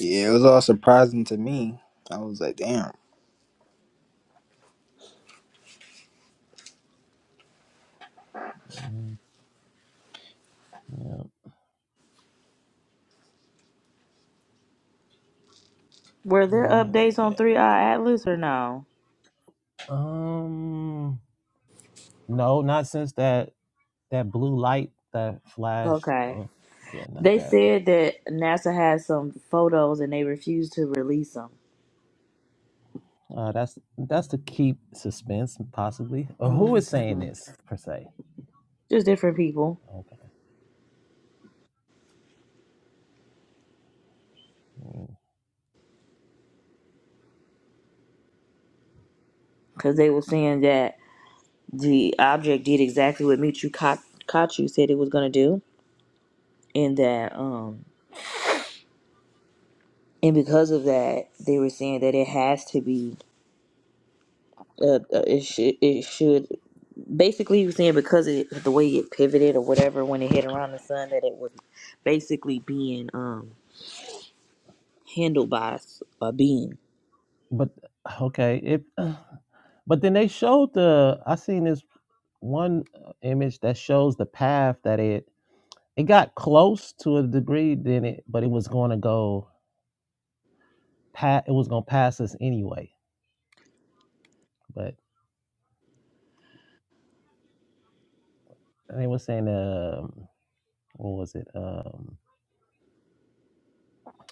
Speaker 4: Yeah, it was all surprising to me. I was like, damn.
Speaker 2: yeah,
Speaker 1: Were there updates on 3i
Speaker 2: Mm,
Speaker 1: Atlas or no?
Speaker 2: um, no, not since that that blue light that flashed.
Speaker 1: Okay.
Speaker 2: Or yeah, not
Speaker 1: They
Speaker 2: that.
Speaker 1: said that NASA had some photos and they refused to release them.
Speaker 2: Uh, that's that's to keep suspense, possibly. Or who is saying
Speaker 1: hmm
Speaker 2: this per se?
Speaker 1: Just different people.
Speaker 2: Okay. Mm.
Speaker 1: Because they were saying that the object did exactly what Michio Ka- Kaku said it was going to do. And that, um, and because of that, they were saying that it has to be Uh, uh, it should. It should. Basically, you're saying because it, the way it pivoted or whatever when it hit around the sun, that it was basically being um handled by s- a being.
Speaker 2: But okay, if but then they showed the I seen this one uh, image that shows the path that it it got close to a degree, then it but it was going to go pat it was going to pass us anyway. But they were saying um what was it um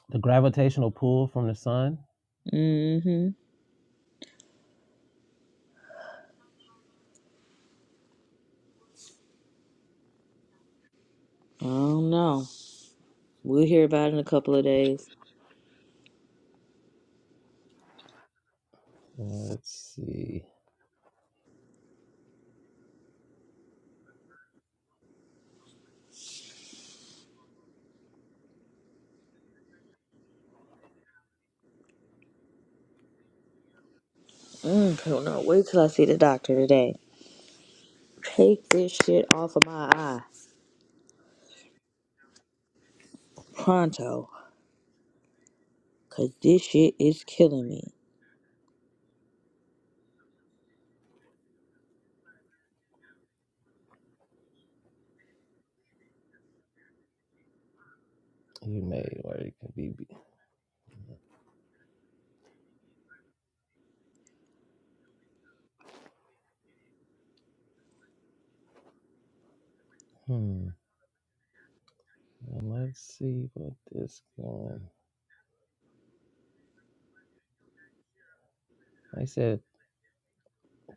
Speaker 2: the gravitational pull from the sun.
Speaker 1: Mm-hmm. I don't know. We'll hear about it in a couple of days.
Speaker 2: Let's see,
Speaker 1: Mm, I don't know. Wait till I see the doctor today. Take this shit off of my eye. Pronto. Cause this shit is killing me.
Speaker 2: you made where it can be. be- Hmm. And let's see what this going. I said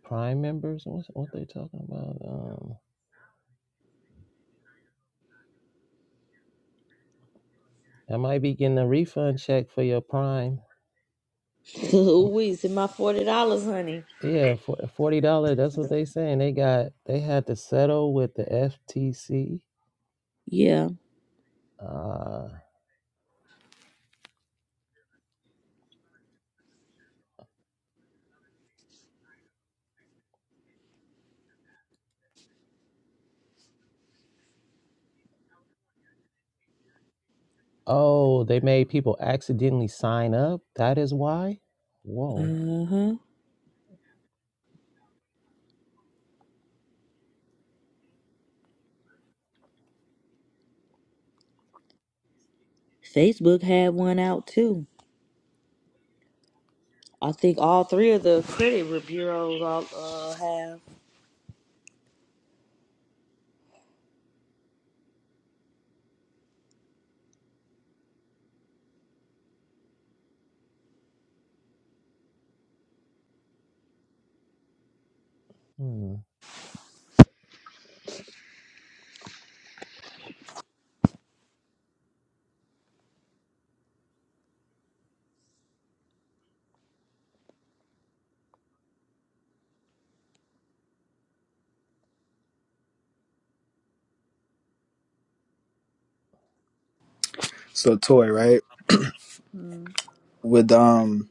Speaker 2: Prime members. What's what they talking about? Um, I might be getting a refund check for your Prime from
Speaker 1: Louise, in my forty dollars, honey.
Speaker 2: yeah, for forty dollars. That's what they saying. They got they had to settle with the FTC.
Speaker 1: Yeah.
Speaker 2: Uh oh, they made people accidentally sign up. That is why. Whoa.
Speaker 1: Uh-huh. Facebook had one out too. I think all three of the credit re- bureaus all uh, have.
Speaker 2: Hmm.
Speaker 4: So toy, right?
Speaker 1: Hmm.
Speaker 4: With um,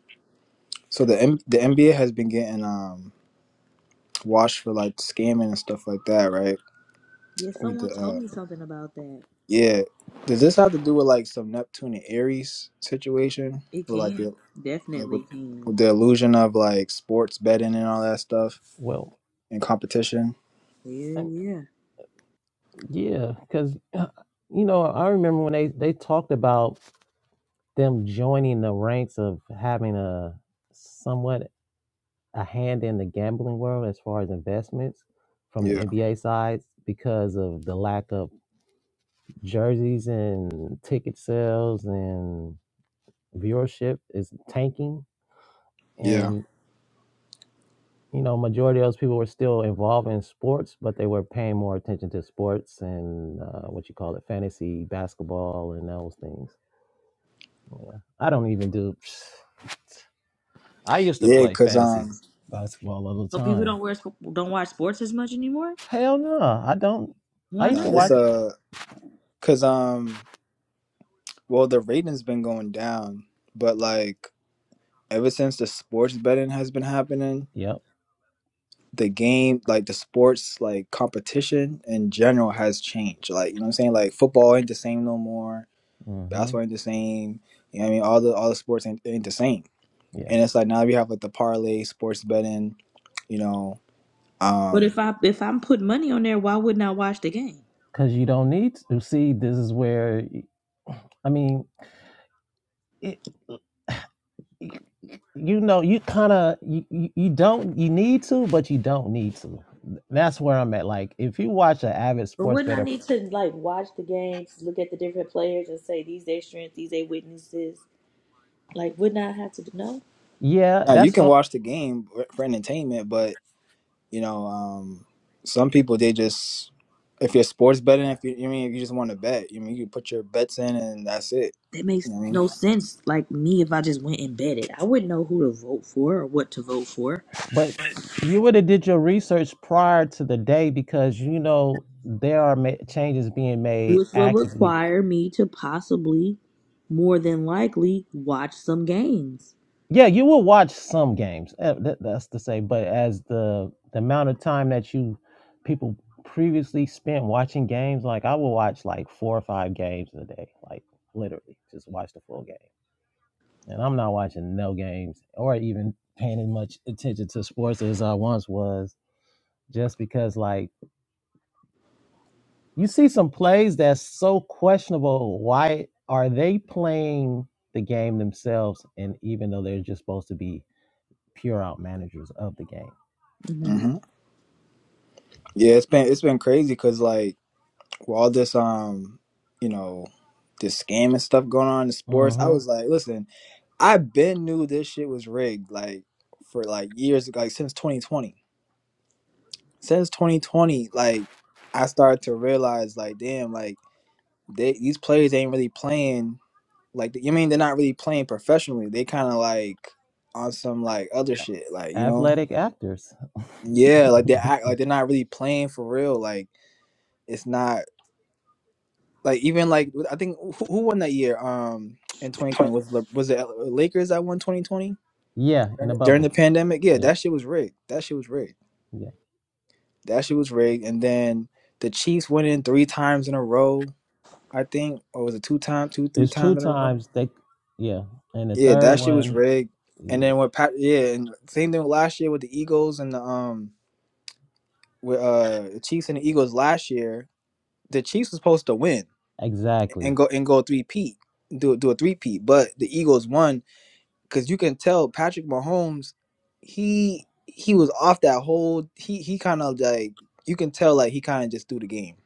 Speaker 4: so the M- the NBA has been getting um washed for like scamming and stuff like that, right?
Speaker 1: Yeah,
Speaker 4: With the
Speaker 1: someone told
Speaker 4: uh,
Speaker 1: me something about that.
Speaker 4: yeah, does this have to do with like some Neptune and Aries situation,
Speaker 1: It
Speaker 4: with like the
Speaker 1: can
Speaker 4: like
Speaker 1: definitely
Speaker 4: with,
Speaker 1: can.
Speaker 4: with the illusion of like sports betting and all that stuff
Speaker 2: Well,
Speaker 4: and competition?
Speaker 2: I,
Speaker 1: Yeah, yeah.
Speaker 2: yeah, because you know I remember when they they talked about them joining the ranks of having a somewhat a hand in the gambling world as far as investments from the
Speaker 4: Yeah,
Speaker 2: NBA side because of the lack of jerseys and ticket sales and viewership is tanking
Speaker 4: yeah,
Speaker 2: and you know majority of those people were still involved in sports but they were paying more attention to sports and uh, what you call it fantasy basketball and those things yeah i don't even do i used to
Speaker 4: yeah.
Speaker 2: play
Speaker 4: Cause
Speaker 2: fantasy
Speaker 4: um,
Speaker 2: basketball all the
Speaker 1: So people
Speaker 2: time
Speaker 1: don't wear sp- don't watch sports as much anymore.
Speaker 2: hell no i don't i
Speaker 1: Why
Speaker 2: used to
Speaker 4: nah, it's
Speaker 1: not?
Speaker 2: watch
Speaker 4: uh, cause um, well, the rating's been going down, but like ever since the sports betting has been happening
Speaker 2: yep
Speaker 4: the game like the sports like competition in general has changed like you know what i'm saying like football ain't the same no more
Speaker 2: hmm
Speaker 4: basketball ain't the same you know what i mean all the all the sports ain't, ain't the same
Speaker 2: yeah
Speaker 4: and it's like now we have like the parlay sports betting you know
Speaker 1: But if
Speaker 4: um
Speaker 1: I if I'm putting money on there, why wouldn't I watch the game?
Speaker 2: because you don't need to see this is where i mean it, you know you kind of you, you you don't you need to but you don't need to that's where i'm at like if you watch an avid
Speaker 1: But
Speaker 2: sports
Speaker 1: wouldn't I
Speaker 2: better
Speaker 1: need to like watch the games, look at the different players, and say these they strengths, these they weaknesses? Like, wouldn't I have to know?
Speaker 2: yeah
Speaker 4: uh, you
Speaker 2: that's
Speaker 4: can
Speaker 2: o-
Speaker 4: watch the game for entertainment but you know um some people they just if you're sports betting if you, you mean if you just want to bet you mean you put your bets in and that's it
Speaker 1: That makes
Speaker 4: you know what i mean
Speaker 1: no sense. Like me, if I just went and betted, I wouldn't know who to vote for or what to vote for,
Speaker 2: but you would have did your research prior to the day because you know there are ma- changes being made
Speaker 1: which will
Speaker 2: actively
Speaker 1: require me to possibly, more than likely, watch some games.
Speaker 2: yeah you will watch some games eh, that, that's to say but as the the amount of time that you people previously spent watching games like i will watch like four or five games in a day like literally just watch the full game and I'm not watching no games or even paying as much attention to sports as I once was, just because like you see some plays that's so questionable. Why are they playing the game themselves? And even though they're just supposed to be pure out managers of the game,
Speaker 1: hmm
Speaker 4: hmm yeah it's been it's been crazy because like with all this um you know this scam and stuff going on in sports i
Speaker 2: hmm
Speaker 4: was like listen i been knew this shit was rigged like for like years like since 2020 since 2020 like i started to realize like damn like they these players ain't really playing like you mean they're not really playing professionally they kind of like on some like other shit like you know
Speaker 2: athletic actors.
Speaker 4: yeah like they act like they're not really playing for real like it's not Like even like I think who, who won that year? Um, in 2020 was Le- was it Lakers that won 2020
Speaker 2: yeah, in a
Speaker 4: during during the
Speaker 2: bubble.
Speaker 4: pandemic? Yeah,
Speaker 2: Yep.
Speaker 4: that shit was rigged. That shit was rigged.
Speaker 2: Yeah.
Speaker 4: That shit was rigged. And then the Chiefs went in three times in a row. I think, or was it two times, two three
Speaker 2: It's two
Speaker 4: times in a row?
Speaker 2: times they. Yeah, and the
Speaker 4: Yeah,
Speaker 2: third
Speaker 4: that shit was
Speaker 2: one.
Speaker 4: rigged. And
Speaker 2: Yeah,
Speaker 4: then when Pat, yeah, and same thing with last year with the Eagles and the um with uh the Chiefs and the Eagles last year. The Chiefs was supposed to win
Speaker 2: exactly.
Speaker 4: and go and go three peat, do do a three peat, but the Eagles won because you can tell Patrick Mahomes, he he was off that whole. He he kind of like you can tell like he kind of just threw the game.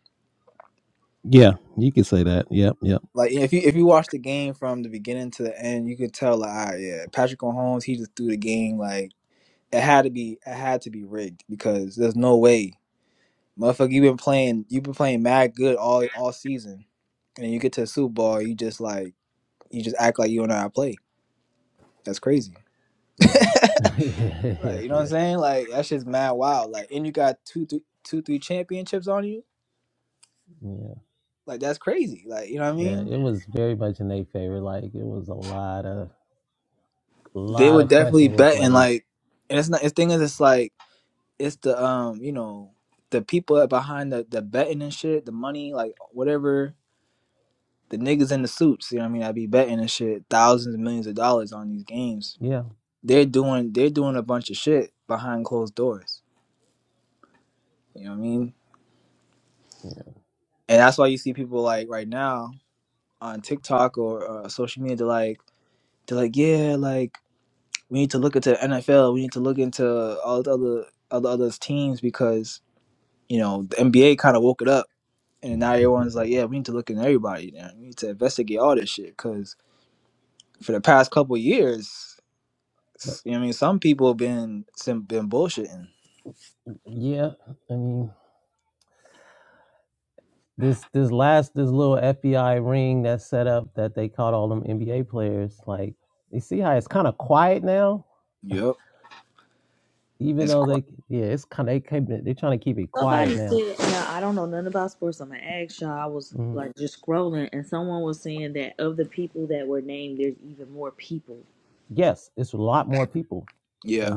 Speaker 2: Yeah, you can say that. Yep, yep.
Speaker 4: Like if you if you watch the game from the beginning to the end, you could tell like all right, yeah, Patrick Mahomes he just threw the game. Like it had to be it had to be rigged because there's no way, motherfucker. You've been playing you've been playing mad good all all season, and then you get to the Super Bowl, you just like you just act like you don't know how to play. That's crazy.
Speaker 2: Yeah. yeah, yeah,
Speaker 4: Like,
Speaker 2: yeah,
Speaker 4: you know what I'm saying? Like that shit's mad wild. Like, and you got two, three, two, three championships on you.
Speaker 2: yeah.
Speaker 4: Like that's crazy. Like, you know what I
Speaker 2: Yeah,
Speaker 4: mean?
Speaker 2: it was very much in their favor. Like it was a lot of a
Speaker 4: They
Speaker 2: lot
Speaker 4: were
Speaker 2: of
Speaker 4: definitely
Speaker 2: questionable
Speaker 4: betting.
Speaker 2: plays.
Speaker 4: Like, and it's not. The thing is, it's like it's the um, you know, the people behind the the betting and shit, the money, like whatever. The niggas in the suits, you know what I mean? I be betting and shit, thousands and millions of dollars on these games.
Speaker 2: Yeah,
Speaker 4: They're doing they're doing a bunch of shit behind closed doors. You know what I mean?
Speaker 2: yeah.
Speaker 4: And that's why you see people like right now on TikTok or uh, social media, they're like They're like, yeah, like we need to look into the NFL. We need to look into all the other other other teams because you know the NBA kind of woke it up, and now everyone's like, yeah, we need to look into everybody. Now. We need to investigate all this shit because for the past couple of years,
Speaker 2: but
Speaker 4: s- you know, what I mean, some people have been some been bullshitting.
Speaker 2: yeah, I mean this this last this little FBI ring that's set up that they caught all them NBA players. Like you see how it's kind of quiet now,
Speaker 4: Yep,
Speaker 2: even
Speaker 4: it's
Speaker 2: though
Speaker 4: quite
Speaker 2: they yeah it's kind of they keep it- they trying to keep it quiet
Speaker 1: Somebody
Speaker 2: now.
Speaker 1: said, now I don't know nothing about sports. I'm gonna ask y'all. I was
Speaker 2: Mhm.
Speaker 1: like just scrolling, and someone was saying that of the people that were named, there's even more people.
Speaker 2: Yes, it's a lot more people
Speaker 4: yeah.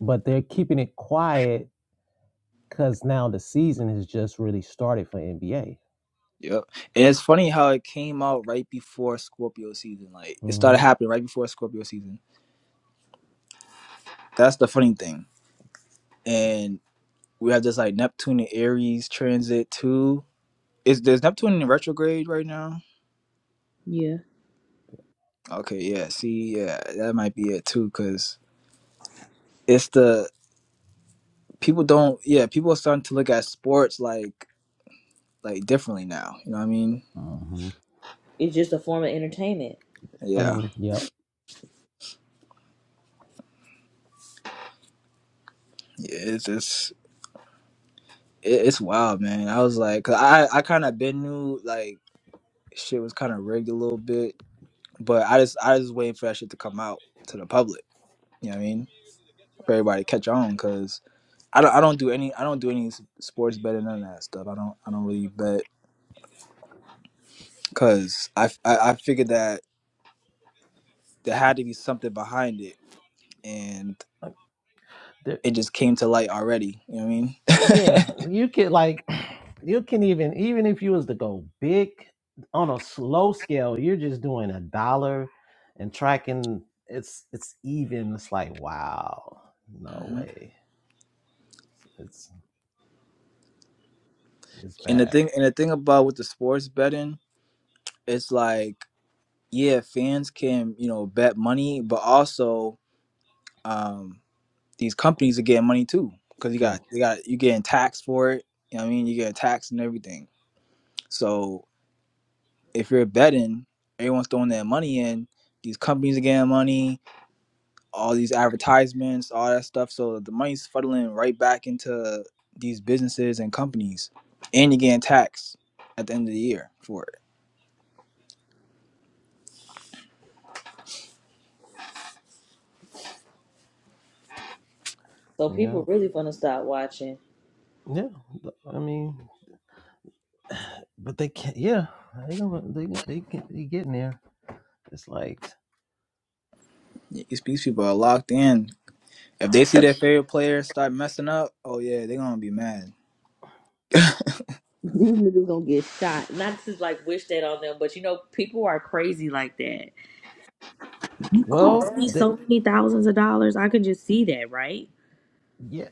Speaker 2: but they're keeping it quiet because now the season has just really started for NBA.
Speaker 4: Yep. And it's funny how it came out right before Scorpio season. Like it started
Speaker 2: hmm
Speaker 4: happening right before Scorpio season. That's the funny thing. and. We have this like Neptune and Aries transit too. Is there's Neptune in retrograde right now?
Speaker 1: Yeah,
Speaker 4: Okay, yeah. See, yeah, that might be it too, because it's the people don't. Yeah, people are starting to look at sports like like differently now. You know what I mean?
Speaker 2: hmm
Speaker 1: it's just a form of entertainment.
Speaker 2: I
Speaker 4: Yeah,
Speaker 2: mean, yep.
Speaker 4: yeah. It's it's it- it's wild, man. I was like, 'cause I I kind of been knew like shit was kind of rigged a little bit, but I just I just waiting for that shit to come out to the public. You know what I mean? For everybody to catch on, 'cause I don't, I don't do any I don't do any s- sports betting none of that stuff. I don't I don't really bet because I, f- I I figured that there had to be something behind it and
Speaker 2: Like, there-
Speaker 4: it just came to light already. You know what I mean?
Speaker 2: yeah, you can like you can even even if you was to go big on a slow scale, you're just doing a dollar and tracking. It's it's even. It's like wow, no
Speaker 4: hmm
Speaker 2: way. It's it's
Speaker 4: And the
Speaker 2: bad.
Speaker 4: thing and the thing about with the sports betting, it's like yeah, fans can you know bet money, but also um, these companies are getting money too because you
Speaker 2: Yeah,
Speaker 4: got they got you getting taxed for it. You know what I mean? You getting taxed and everything. So if you're betting, everyone's throwing their money in. These companies are getting money, all these advertisements, all that stuff. So the money's fuddling right back into these businesses and companies, and you're getting taxed at the end of the year for it.
Speaker 1: So
Speaker 2: yeah,
Speaker 1: people really gonna stop watching.
Speaker 2: yeah. I mean, but they can't. Yeah, they gonna they gonna they, get, they getting there. It's like,
Speaker 4: These these people are locked in. If they see their favorite player start messing up, oh yeah, they're gonna be mad.
Speaker 1: These niggas gonna get shot. Not to like wish that on them, but you know, people are crazy like that. You cost
Speaker 2: well,
Speaker 1: me
Speaker 2: the,
Speaker 1: so many thousands of dollars. I can just see that, right?
Speaker 2: yeah,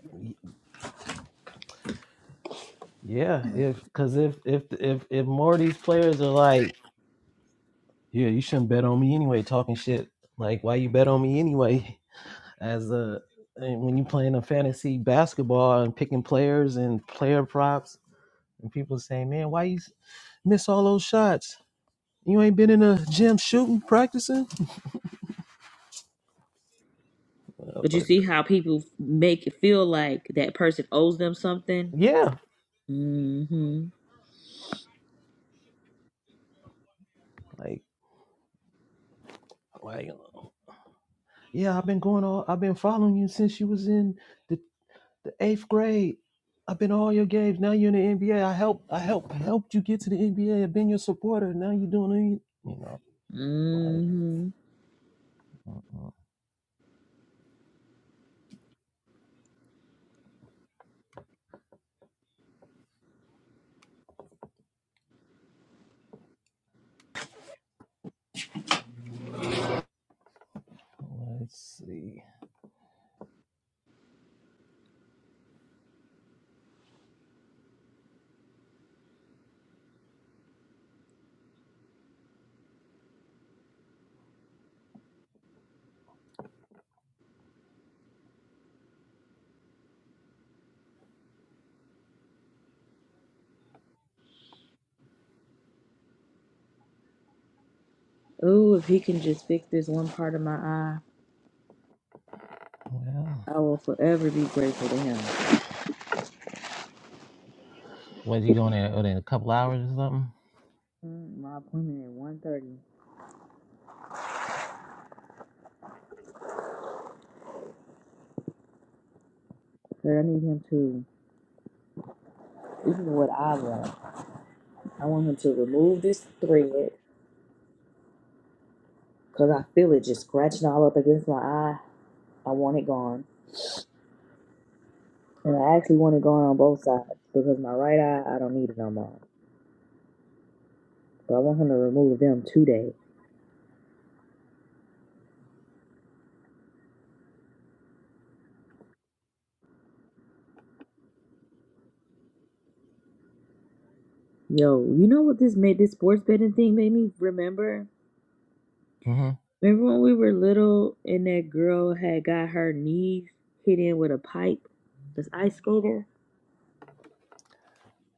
Speaker 2: yeah. If because if if if if more of these players are like, yeah, you shouldn't bet on me anyway, talking shit. Like, why you bet on me anyway? As a and when you playing a fantasy basketball and picking players and player props, and people saying, man, why you s- miss all those shots? You ain't been in the gym shooting, practicing.
Speaker 1: But you
Speaker 2: Motherfucker.
Speaker 1: see how people make it feel like that person owes them something.
Speaker 2: Yeah,
Speaker 1: Mm-hmm.
Speaker 2: like, like, yeah, I've been going all, I've been following you since you was in the. The eighth grade. I've been all your games. Now you're in the NBA. I helped. I helped. I helped you get to the NBA. I've been your supporter. Now you're doing. it. You know, like.
Speaker 1: Mm-hmm.
Speaker 2: Uh-uh. Let's see.
Speaker 1: Oh, if he can just fix this one part of my eye,
Speaker 2: Well,
Speaker 1: I will forever be grateful to him.
Speaker 2: was you going there in a couple hours or something?
Speaker 1: Mm, My appointment at one Girl, I need him to. This is what I want. I want him to remove this thread because I feel it just scratching all up against my eye. I want it gone. And I actually want it gone on both sides because my right eye, I don't need it no more. But I want him to remove them today. Yo, you know what this made, this sports betting thing made me remember?
Speaker 2: Mm-hmm.
Speaker 1: Remember when we were little and that girl had got her knees hit in with a pipe? This ice skater?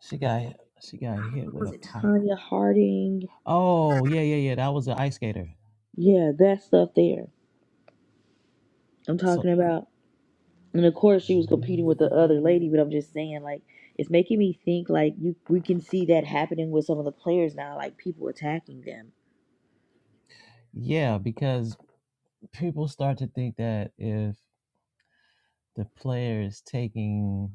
Speaker 2: She got she got hit with a pipe.
Speaker 1: Tanya Harding.
Speaker 2: Oh yeah, yeah, yeah. That was an ice skater.
Speaker 1: Yeah, that stuff there. I'm
Speaker 2: So
Speaker 1: talking about. And of course, she was competing with the other lady, but I'm just saying, like, it's making me think, like, you we can see that happening with some of the players now, like people attacking them.
Speaker 2: yeah, because people start to think that if the player is taking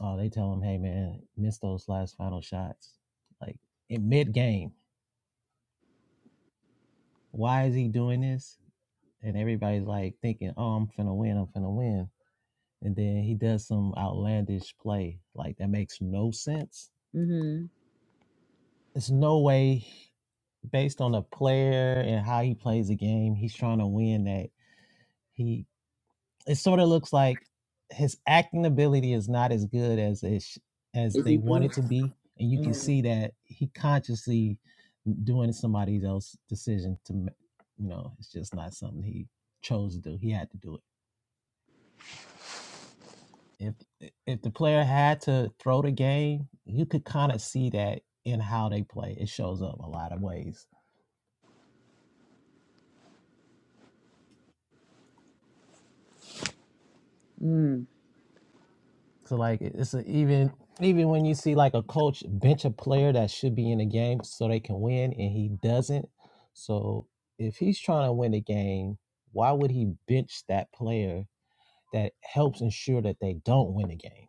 Speaker 2: oh they tell him hey man miss those last final shots like in mid game why is he doing this and everybody's like thinking oh i'm finna win i'm finna win and then he does some outlandish play like that makes no sense
Speaker 1: Mm-hmm.
Speaker 2: there's no way based on the player and how he plays the game he's trying to win that he it sort of looks like his acting ability is not as good as it sh- as
Speaker 1: If
Speaker 2: they
Speaker 1: you
Speaker 2: want it
Speaker 1: think,
Speaker 2: to be, and you can see that he consciously doing somebody else's decision to, you know, it's just not something he chose to do. He had to do it if if the player had to throw the game, you could kind of see that in how they play. It shows up a lot of ways. So like it's a, even even when you see like a coach bench a player that should be in the game so they can win and he doesn't. So if he's trying to win the game, why would he bench that player that helps ensure that they don't win the game.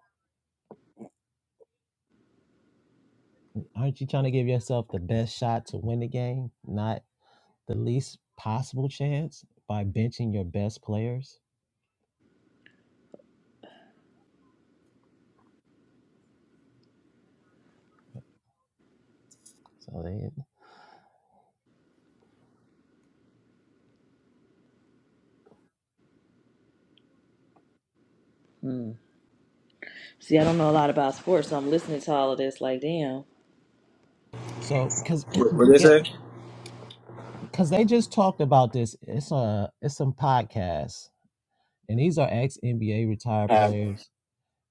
Speaker 2: Aren't you trying to give yourself the best shot to win the game, not the least possible chance by benching your best players? So they
Speaker 1: mm. see, I don't know a lot about sports, so I'm listening to all of this, like, damn,
Speaker 2: so because
Speaker 4: What what they
Speaker 2: get
Speaker 4: say?
Speaker 2: because they just talked about this. It's a it's some podcasts, and these are ex NBA retired players.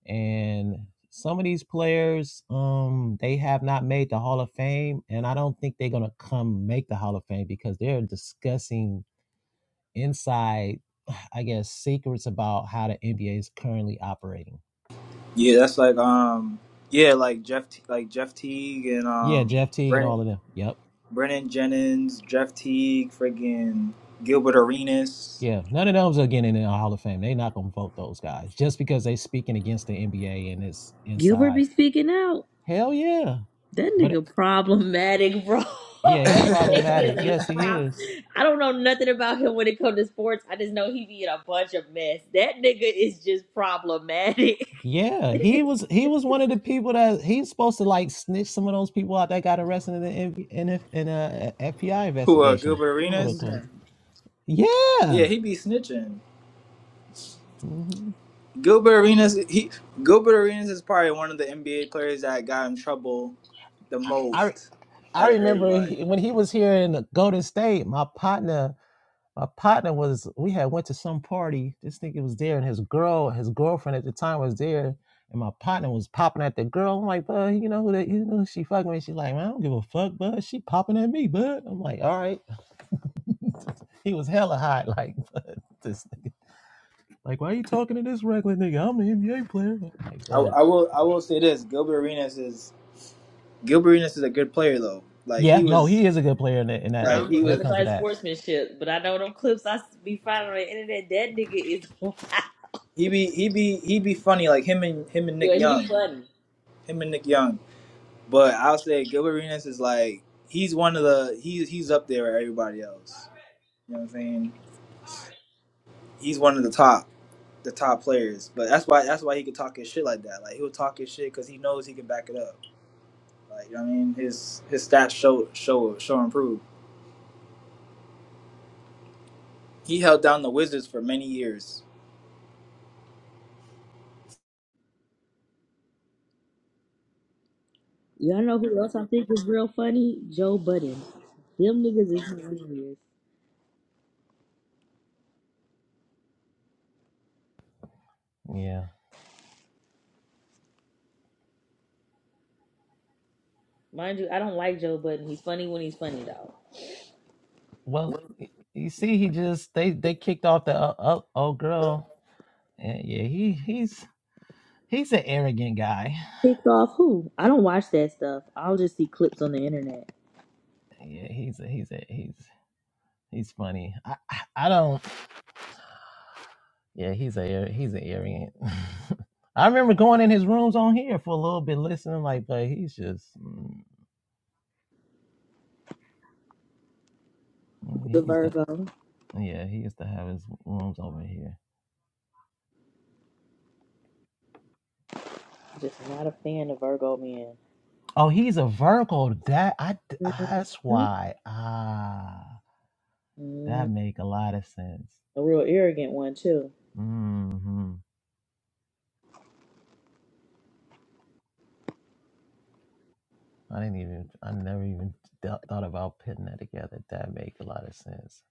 Speaker 2: And some of these players, um, they have not made the Hall of Fame, and I don't think they're gonna come make the Hall of Fame because they're discussing inside, I guess, secrets about how the NBA is currently operating.
Speaker 4: Yeah, that's like um, yeah, like Jeff, T- like Jeff Teague and
Speaker 2: Yeah,
Speaker 4: um,
Speaker 2: Jeff Teague and
Speaker 4: Brandon.
Speaker 2: all of them. Yep.
Speaker 4: Brennan Jennings, Jeff Teague, friggin' Gilbert Arenas.
Speaker 2: Yeah, none of those are getting in the Hall of Fame. They're not gonna vote those guys just because they're speaking against the NBA and it's
Speaker 1: Gilbert be
Speaker 2: inside.
Speaker 1: speaking out.
Speaker 2: Hell yeah,
Speaker 1: That
Speaker 2: but
Speaker 1: nigga problematic, bro.
Speaker 2: yeah, he
Speaker 1: That nigga is
Speaker 2: problematic.
Speaker 1: a
Speaker 2: Yes, he
Speaker 1: prob-
Speaker 2: is.
Speaker 1: I don't know nothing about him when it comes to sports. I just know he be in a bunch of mess. That nigga is just problematic.
Speaker 2: Yeah, he was he was one of the people that he's supposed to like snitch some of those people out that got arrested in the N- in a in a- FBI
Speaker 4: Who uh
Speaker 2: investigation,
Speaker 4: Gilbert
Speaker 2: quote
Speaker 4: Arenas?
Speaker 2: unquote.
Speaker 1: Okay.
Speaker 4: Yeah,
Speaker 2: Yeah,
Speaker 4: he be snitching.
Speaker 2: hmm
Speaker 4: Gilbert Arenas he Gilbert Arenas is probably one of the NBA players that got in trouble the
Speaker 2: I
Speaker 4: most
Speaker 2: I
Speaker 4: out of
Speaker 2: remember
Speaker 4: everybody.
Speaker 2: he- when he was here in Golden State, my partner my partner was we had went to some party. This nigga was there, and his girl his girlfriend at the time was there. And my partner was popping at the girl. I'm like, bud, you know who that? You know who she fucking with? She like, man, I don't give a fuck, bud. She popping at me, bud. I'm like, all right. He was hella hot, like but this, like why are you talking to this regular nigga? I'm an NBA player. Like,
Speaker 4: I,
Speaker 2: but
Speaker 4: I will I will say this, Gilbert Arenas is Gilbert Arenas is a good player though. Like he
Speaker 2: yeah, no,
Speaker 4: was
Speaker 2: he is a good player in that, in
Speaker 1: Now,
Speaker 2: that
Speaker 1: I
Speaker 2: uh,
Speaker 4: like
Speaker 1: don't
Speaker 4: he
Speaker 2: when
Speaker 1: know
Speaker 2: it
Speaker 4: was
Speaker 1: nothing
Speaker 2: comes
Speaker 1: about
Speaker 2: to
Speaker 1: his
Speaker 2: that.
Speaker 1: sportsmanship, but I know them clips I s- be finding on the internet. That nigga is wild.
Speaker 4: he be he be he be funny like him and him and
Speaker 1: Yeah,
Speaker 4: Nick
Speaker 1: he
Speaker 4: Young.
Speaker 1: funny.
Speaker 4: Him and Nick Young. But I'll say Gilbert Arenas is like he's one of the he's he's up there with everybody else. You know what I'm saying? He's one of the top the top players. But that's why that's why he could talk his shit like that. Like he'll talk his shit because he knows he can back it up. Like you know what I mean? His his stats show show show improve. He held down the Wizards for many years.
Speaker 1: Y'all know who else I think is real funny? Joe Budden. Them niggas is hilarious.
Speaker 2: Yeah.
Speaker 1: Mind you, I don't like Joe Budden. He's funny when he's funny though.
Speaker 2: Well, y- you see, he just they they kicked off the uh, uh, old girl, and yeah, he he's he's an arrogant guy.
Speaker 1: Picked off who? I don't watch that stuff. I'll just see clips on the internet.
Speaker 2: Yeah, he's a, he's a, he's he's funny. I I I don't. Yeah, he's a he's an arrogant. I remember going in his rooms on here for a little bit listening, like, but he's just mm,
Speaker 1: The
Speaker 2: he's the
Speaker 1: Virgo.
Speaker 2: Yeah, he used to have his rooms over here.
Speaker 1: Just not a fan of Virgo men.
Speaker 2: Oh, he's a Virgo. That i That's
Speaker 1: Mhm.
Speaker 2: why. Ah,
Speaker 1: Mm,
Speaker 2: that make a lot of sense.
Speaker 1: a real arrogant one too.
Speaker 2: Hmm. I didn't even. I never even th- thought about putting that together. That make a lot of sense.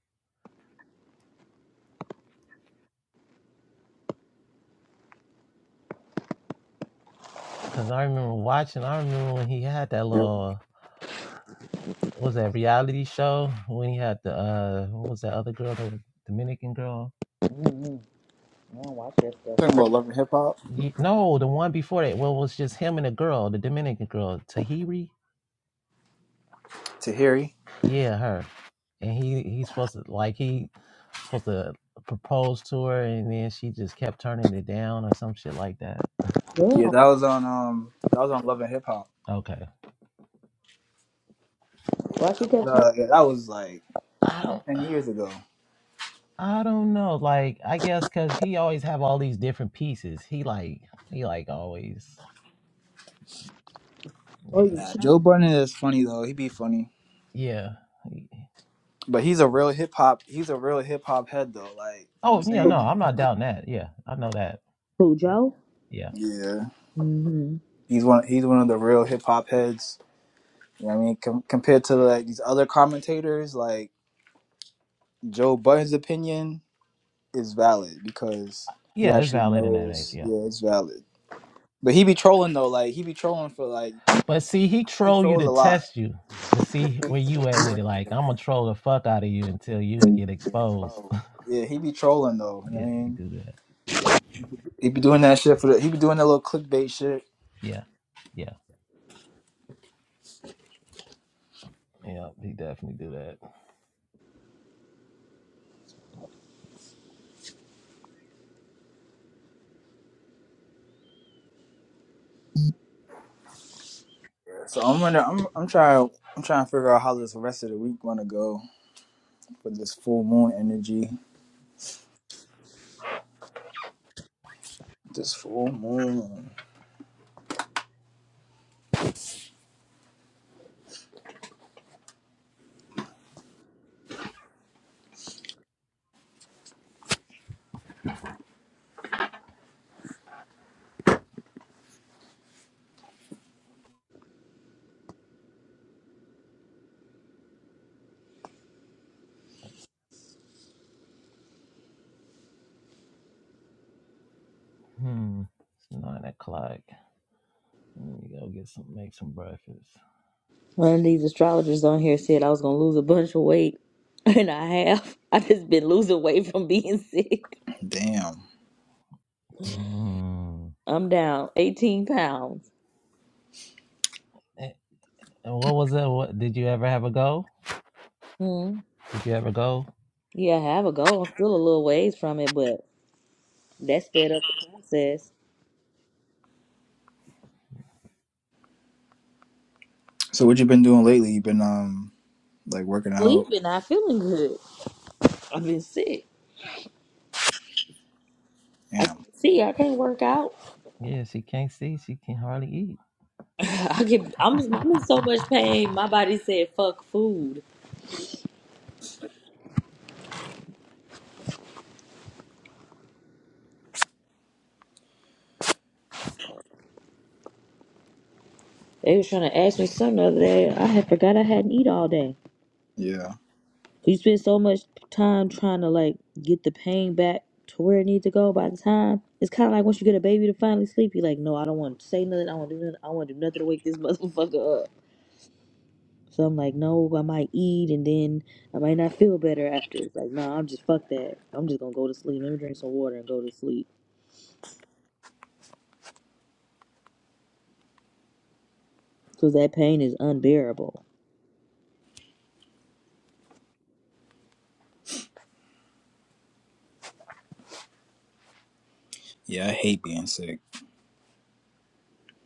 Speaker 2: Cause I remember watching. I remember when he had that little. What was that reality show when he had the uh? What was that other girl? The Dominican girl.
Speaker 4: Talking about Love and Hip Hop
Speaker 2: Ye- No, the one before that. Well, it was just him and a girl, the Dominican girl, Tahiri.
Speaker 4: to
Speaker 2: Yeah, her. and he he's supposed to like he supposed to propose to her and then she just kept turning it down or some shit like that
Speaker 4: Yeah, that was on um that was on Love and Hip Hop.
Speaker 2: okay
Speaker 4: Yeah,
Speaker 1: Why she
Speaker 4: that was
Speaker 1: kept her?
Speaker 4: uh yeah, that was like
Speaker 2: i don't
Speaker 4: ten years ago.
Speaker 2: i don't know like i guess because he always have all these different pieces he like he like always yeah,
Speaker 1: Oh, you
Speaker 4: Nah,
Speaker 1: cheat?
Speaker 4: Joe Budden is funny though. He be funny.
Speaker 2: yeah. he-
Speaker 4: But he's a real hip hop. He's a real hip hop head though. Like you know what I'm
Speaker 2: oh yeah no
Speaker 4: saying?
Speaker 2: i'm not doubting that yeah i know that
Speaker 1: Who
Speaker 2: yeah
Speaker 1: Joe?
Speaker 2: yeah
Speaker 4: Yeah.
Speaker 1: Mm-hmm.
Speaker 4: He's one. He's one of the real hip hop heads. You know what I mean? Com- compared to like these other commentators, like Joe Budden's opinion is valid because he
Speaker 2: yeah it's
Speaker 4: actually
Speaker 2: valid in that age
Speaker 4: knows.
Speaker 2: yeah
Speaker 4: Yeah, it's valid. But he be trolling though. Like he be trolling for like
Speaker 2: but see he
Speaker 4: he
Speaker 2: troll you
Speaker 4: trolls
Speaker 2: to
Speaker 4: a lot.
Speaker 2: test you to see where you at with it like i'm gonna troll the fuck out of you until you get exposed
Speaker 4: Yeah, he be trolling though. You know
Speaker 2: Yeah,
Speaker 4: what I
Speaker 2: he
Speaker 4: mean?
Speaker 2: do that.
Speaker 4: He be doing that shit for the. He be doing that little clickbait shit.
Speaker 2: Yeah, yeah, yeah. He definitely do that.
Speaker 4: So I'm gonna. I'm. I'm trying. I'm trying to figure out how this rest of the week gonna go. for this full moon energy. This full moon.
Speaker 2: Hmm. It's nine o'clock. Let me go get some, make some breakfast.
Speaker 1: One of these astrologers on here said I was gonna lose a bunch of weight, and I have. I just been losing weight from being sick.
Speaker 4: Damn.
Speaker 2: Hmm.
Speaker 1: I'm down 18 pounds.
Speaker 2: And, and what was that? What did you ever have a go?
Speaker 1: Hmm.
Speaker 2: Did you ever go?
Speaker 1: Yeah, I have a goal. I'm still a little ways from it, but that sped up the process.
Speaker 4: So what you been doing lately? You been um like working out?
Speaker 1: Sleeping, not feeling good. I've been sick. I
Speaker 4: Damn.
Speaker 1: can't see. I can't work out.
Speaker 2: Yeah, she can't see. She can hardly eat.
Speaker 1: I get. I'm. I'm in so much pain. My body said, "Fuck food." They was trying to ask me something the other day. I had forgot I hadn't eat all day.
Speaker 4: Yeah.
Speaker 1: You spend so much time trying to like get the pain back to where it needs to go. By the time it's kind of like once you get a baby to finally sleep, you're like, no, I don't want to say nothing. I want to do nothing. I want to do nothing to wake this motherfucker up. So I'm like, no, I might eat and then I might not feel better after. It's like, no, nah, I'm just fuck that. I'm just gonna go to sleep. Let me drink some water and go to sleep because that pain is unbearable.
Speaker 4: Yeah, I hate being sick.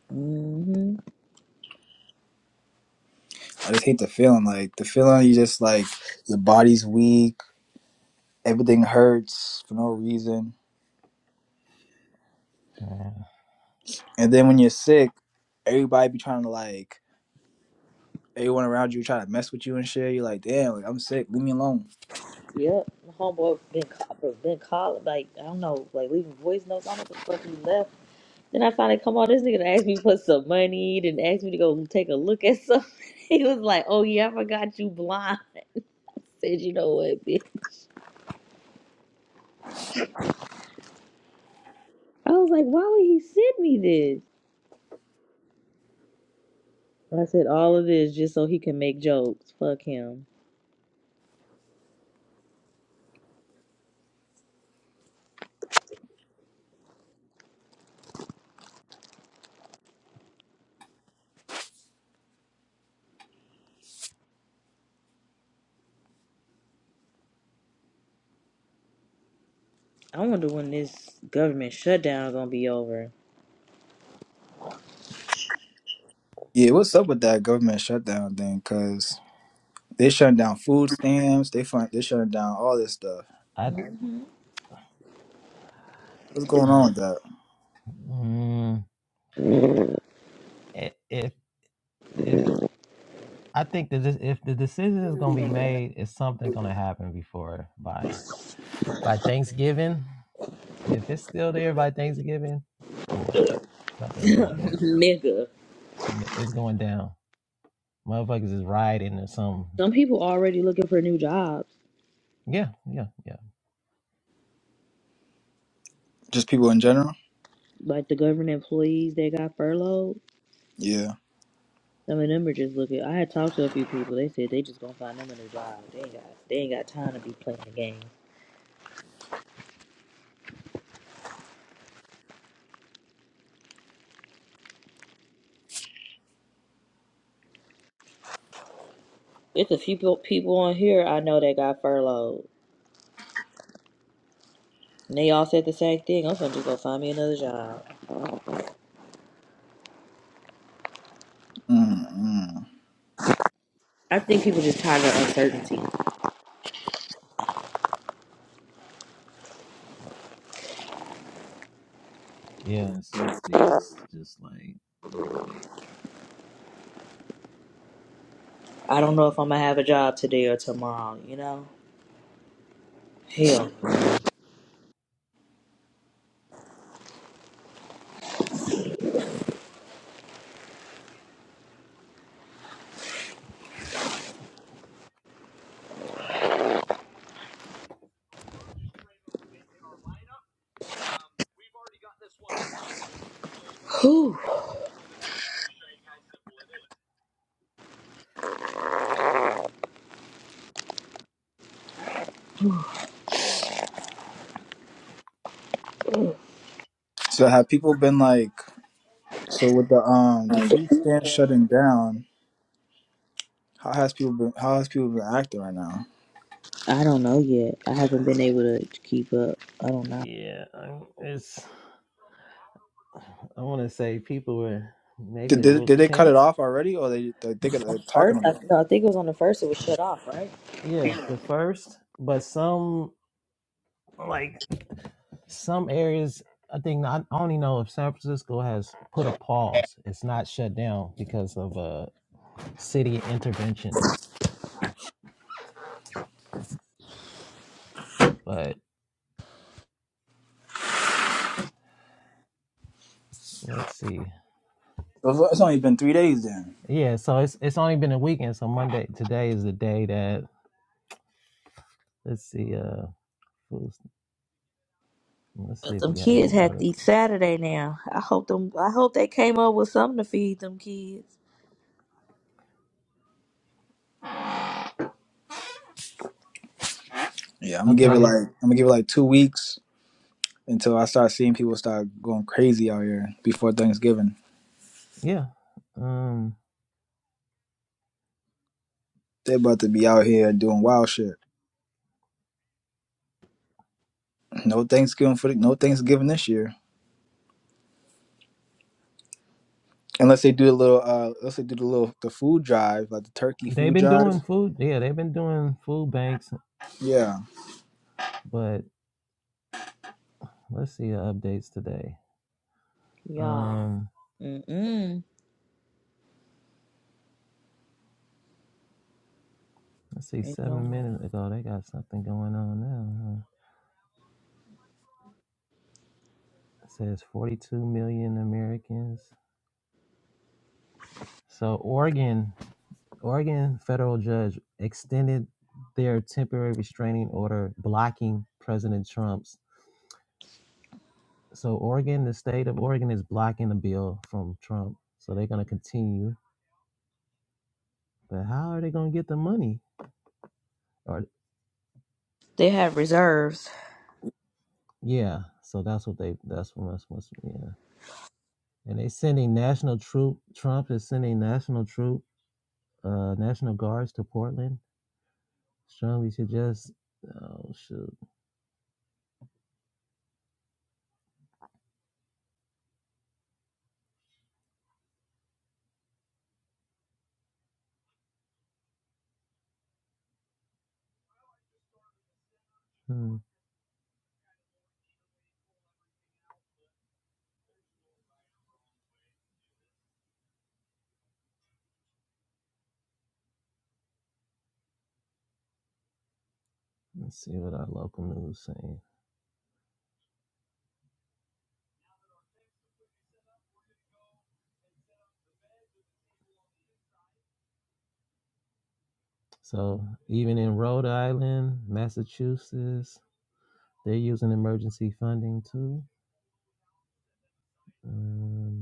Speaker 1: hmm
Speaker 4: I just hate the feeling. Like the feeling you just like your body's weak, everything hurts for no reason.
Speaker 2: Yeah,
Speaker 4: And then when you're sick, everybody be trying to like everyone around you try to mess with you and shit. You're like, damn, like I'm sick, leave me alone.
Speaker 1: Yep, my homeboy been ca- bro, been calling like I don't know, like leaving voice notes. I don't know what the fuck he left Then I finally come on. This nigga done asked me for some money. Then asked me to go take a look at something. He was like, "Oh yeah, I forgot you blind." I said, "You know what, bitch?" I was like, "Why would he send me this?" I said, "All of this just so he can make jokes." Fuck him. I wonder when this government shutdown gonna be over,
Speaker 4: Yeah, what's up with that government shutdown thing? Cause they shutting down food stamps. They find they shutting down all this stuff.
Speaker 2: I.
Speaker 4: What's going on with that?
Speaker 2: Mm, i- if if I think that this, if the decision is going to be made, is something going to happen before buying? By Thanksgiving, if it's still there by Thanksgiving, boy, something's going down.
Speaker 1: nigga.
Speaker 2: N- It's going down. Motherfuckers is riding or something.
Speaker 1: Some people already looking for new jobs,
Speaker 2: Yeah, yeah, yeah.
Speaker 4: Just people in general?
Speaker 1: like the government employees that got furloughed.
Speaker 4: Yeah.
Speaker 1: Some of them are just looking. I had talked to a few people. They said they just gonna find them a new job. They ain't got they ain't got time to be playing the game. It's a few people on here I know that got furloughed. And they all said the same thing. I'm gonna just go find me another job.
Speaker 4: Mm-mm.
Speaker 1: I think people just tired of uncertainty.
Speaker 2: Yeah, uncertainty is just like, boy.
Speaker 1: I don't know if I'm gonna have a job today or tomorrow, you know? Hell. Whew.
Speaker 4: So have people been like so with the um the food stand shutting down? How has people been? How has people been acting right now?
Speaker 1: I don't know yet. I haven't been able to keep up. I don't know.
Speaker 2: Yeah, i it's, I want to say people were maybe
Speaker 4: Did
Speaker 2: a
Speaker 4: did,
Speaker 2: little
Speaker 4: did they cut it
Speaker 2: tense.
Speaker 4: off already, or they they they are talking
Speaker 1: First, I,
Speaker 4: about it?
Speaker 1: no, I think it was on the first. It was shut off, right?
Speaker 2: Yeah, the first, but some some areas, I think I I only know if San Francisco has put a pause. It's not shut down because of uh city intervention. But let's see.
Speaker 4: So It's only been three days then.
Speaker 2: Yeah, so it's it's only been a weekend. So Monday today is the day that let's see. Uh, who's- let's see
Speaker 1: But
Speaker 2: if
Speaker 1: them
Speaker 2: we have
Speaker 1: kids
Speaker 2: any
Speaker 1: had to eat
Speaker 2: articles.
Speaker 1: Saturday now. I hope them. I hope they came up with something to feed them kids.
Speaker 4: Yeah, I'm gonna give it
Speaker 2: Okay,
Speaker 4: like I'm gonna give it like two weeks until I start seeing people start going crazy out here before Thanksgiving.
Speaker 2: yeah. Um,
Speaker 4: They're about to be out here doing wild shit. No Thanksgiving for the, no Thanksgiving this year. unless they do a little uh unless they do the little the food drive like the turkey
Speaker 2: they've
Speaker 4: food
Speaker 2: been
Speaker 4: drive
Speaker 2: doing food. Yeah, they've been doing food banks.
Speaker 4: yeah
Speaker 2: But let's see the updates today.
Speaker 1: Y'all,
Speaker 2: Um,
Speaker 1: mm mm.
Speaker 2: let's see.
Speaker 1: Ain't no
Speaker 2: Seven
Speaker 1: way
Speaker 2: minutes ago, they got something going on now. Huh? It says 42 million Americans. So Oregon Oregon federal judge extended their temporary restraining order blocking President Trump's. So Oregon, the state of Oregon is blocking the bill from Trump. So they're gonna continue. But how are they gonna get the money? Or
Speaker 1: they have reserves.
Speaker 2: yeah, so that's what they that's what's what's yeah. And they sending national troop Trump is sending national troop uh national guards to Portland strongly suggest. Oh shoot! Hmm. Let's see what our local news is saying. So even in Rhode Island, Massachusetts, they're using emergency funding too. Um,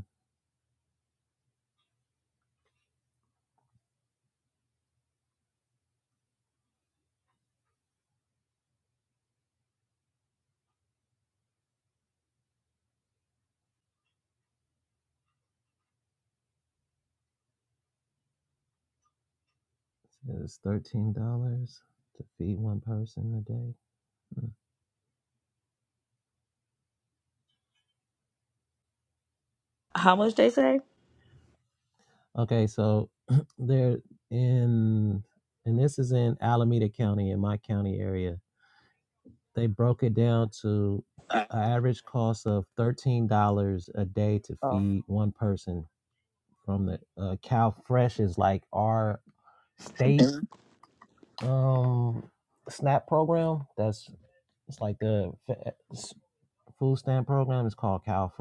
Speaker 2: It's thirteen dollars to feed one person a day. Mm.
Speaker 1: How much they say?
Speaker 2: Okay, so they're in, and this is in Alameda County in my county area. They broke it down to an average cost of thirteen dollars a day to feed one person from the uh, Cow is like our state um SNAP program. That's it's like the fa- food stamp program. It's called CalFresh.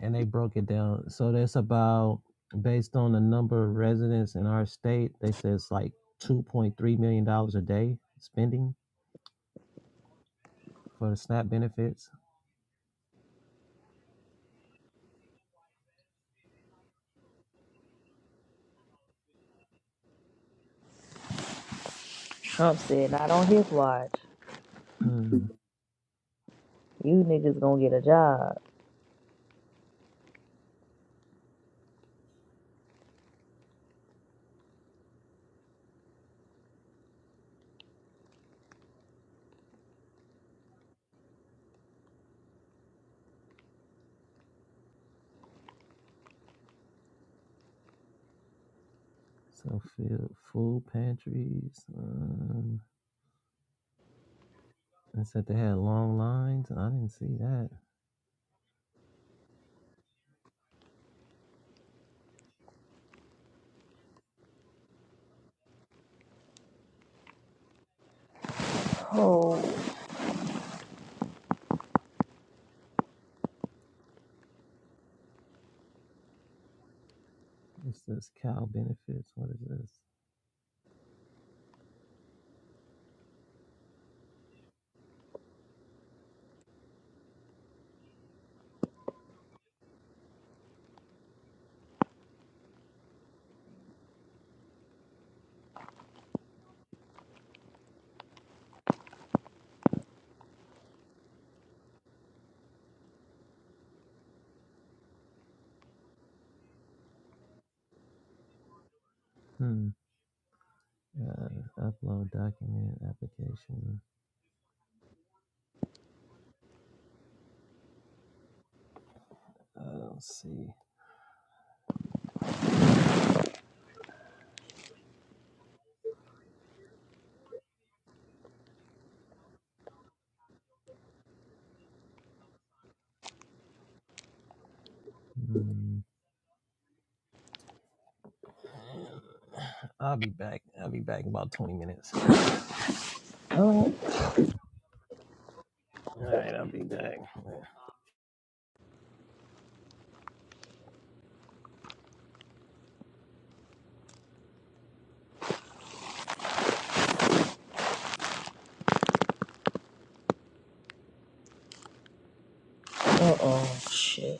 Speaker 2: and they broke it down. So that's about based on the number of residents in our state. They said it's like two point three million dollars a day spending for the SNAP benefits.
Speaker 1: Trump said, not on his watch.
Speaker 2: Hmm.
Speaker 1: You niggas gonna get a job.
Speaker 2: So food, food pantries. Um, it said they had long lines. I didn't see that. What's this? Cal benefits. What is this? Hmm. Uh, upload document application. I don't see. Hmm. I'll be back. I'll be back in about twenty minutes.
Speaker 1: Oh,
Speaker 2: All right, I'll be back.
Speaker 1: uh oh. Shit.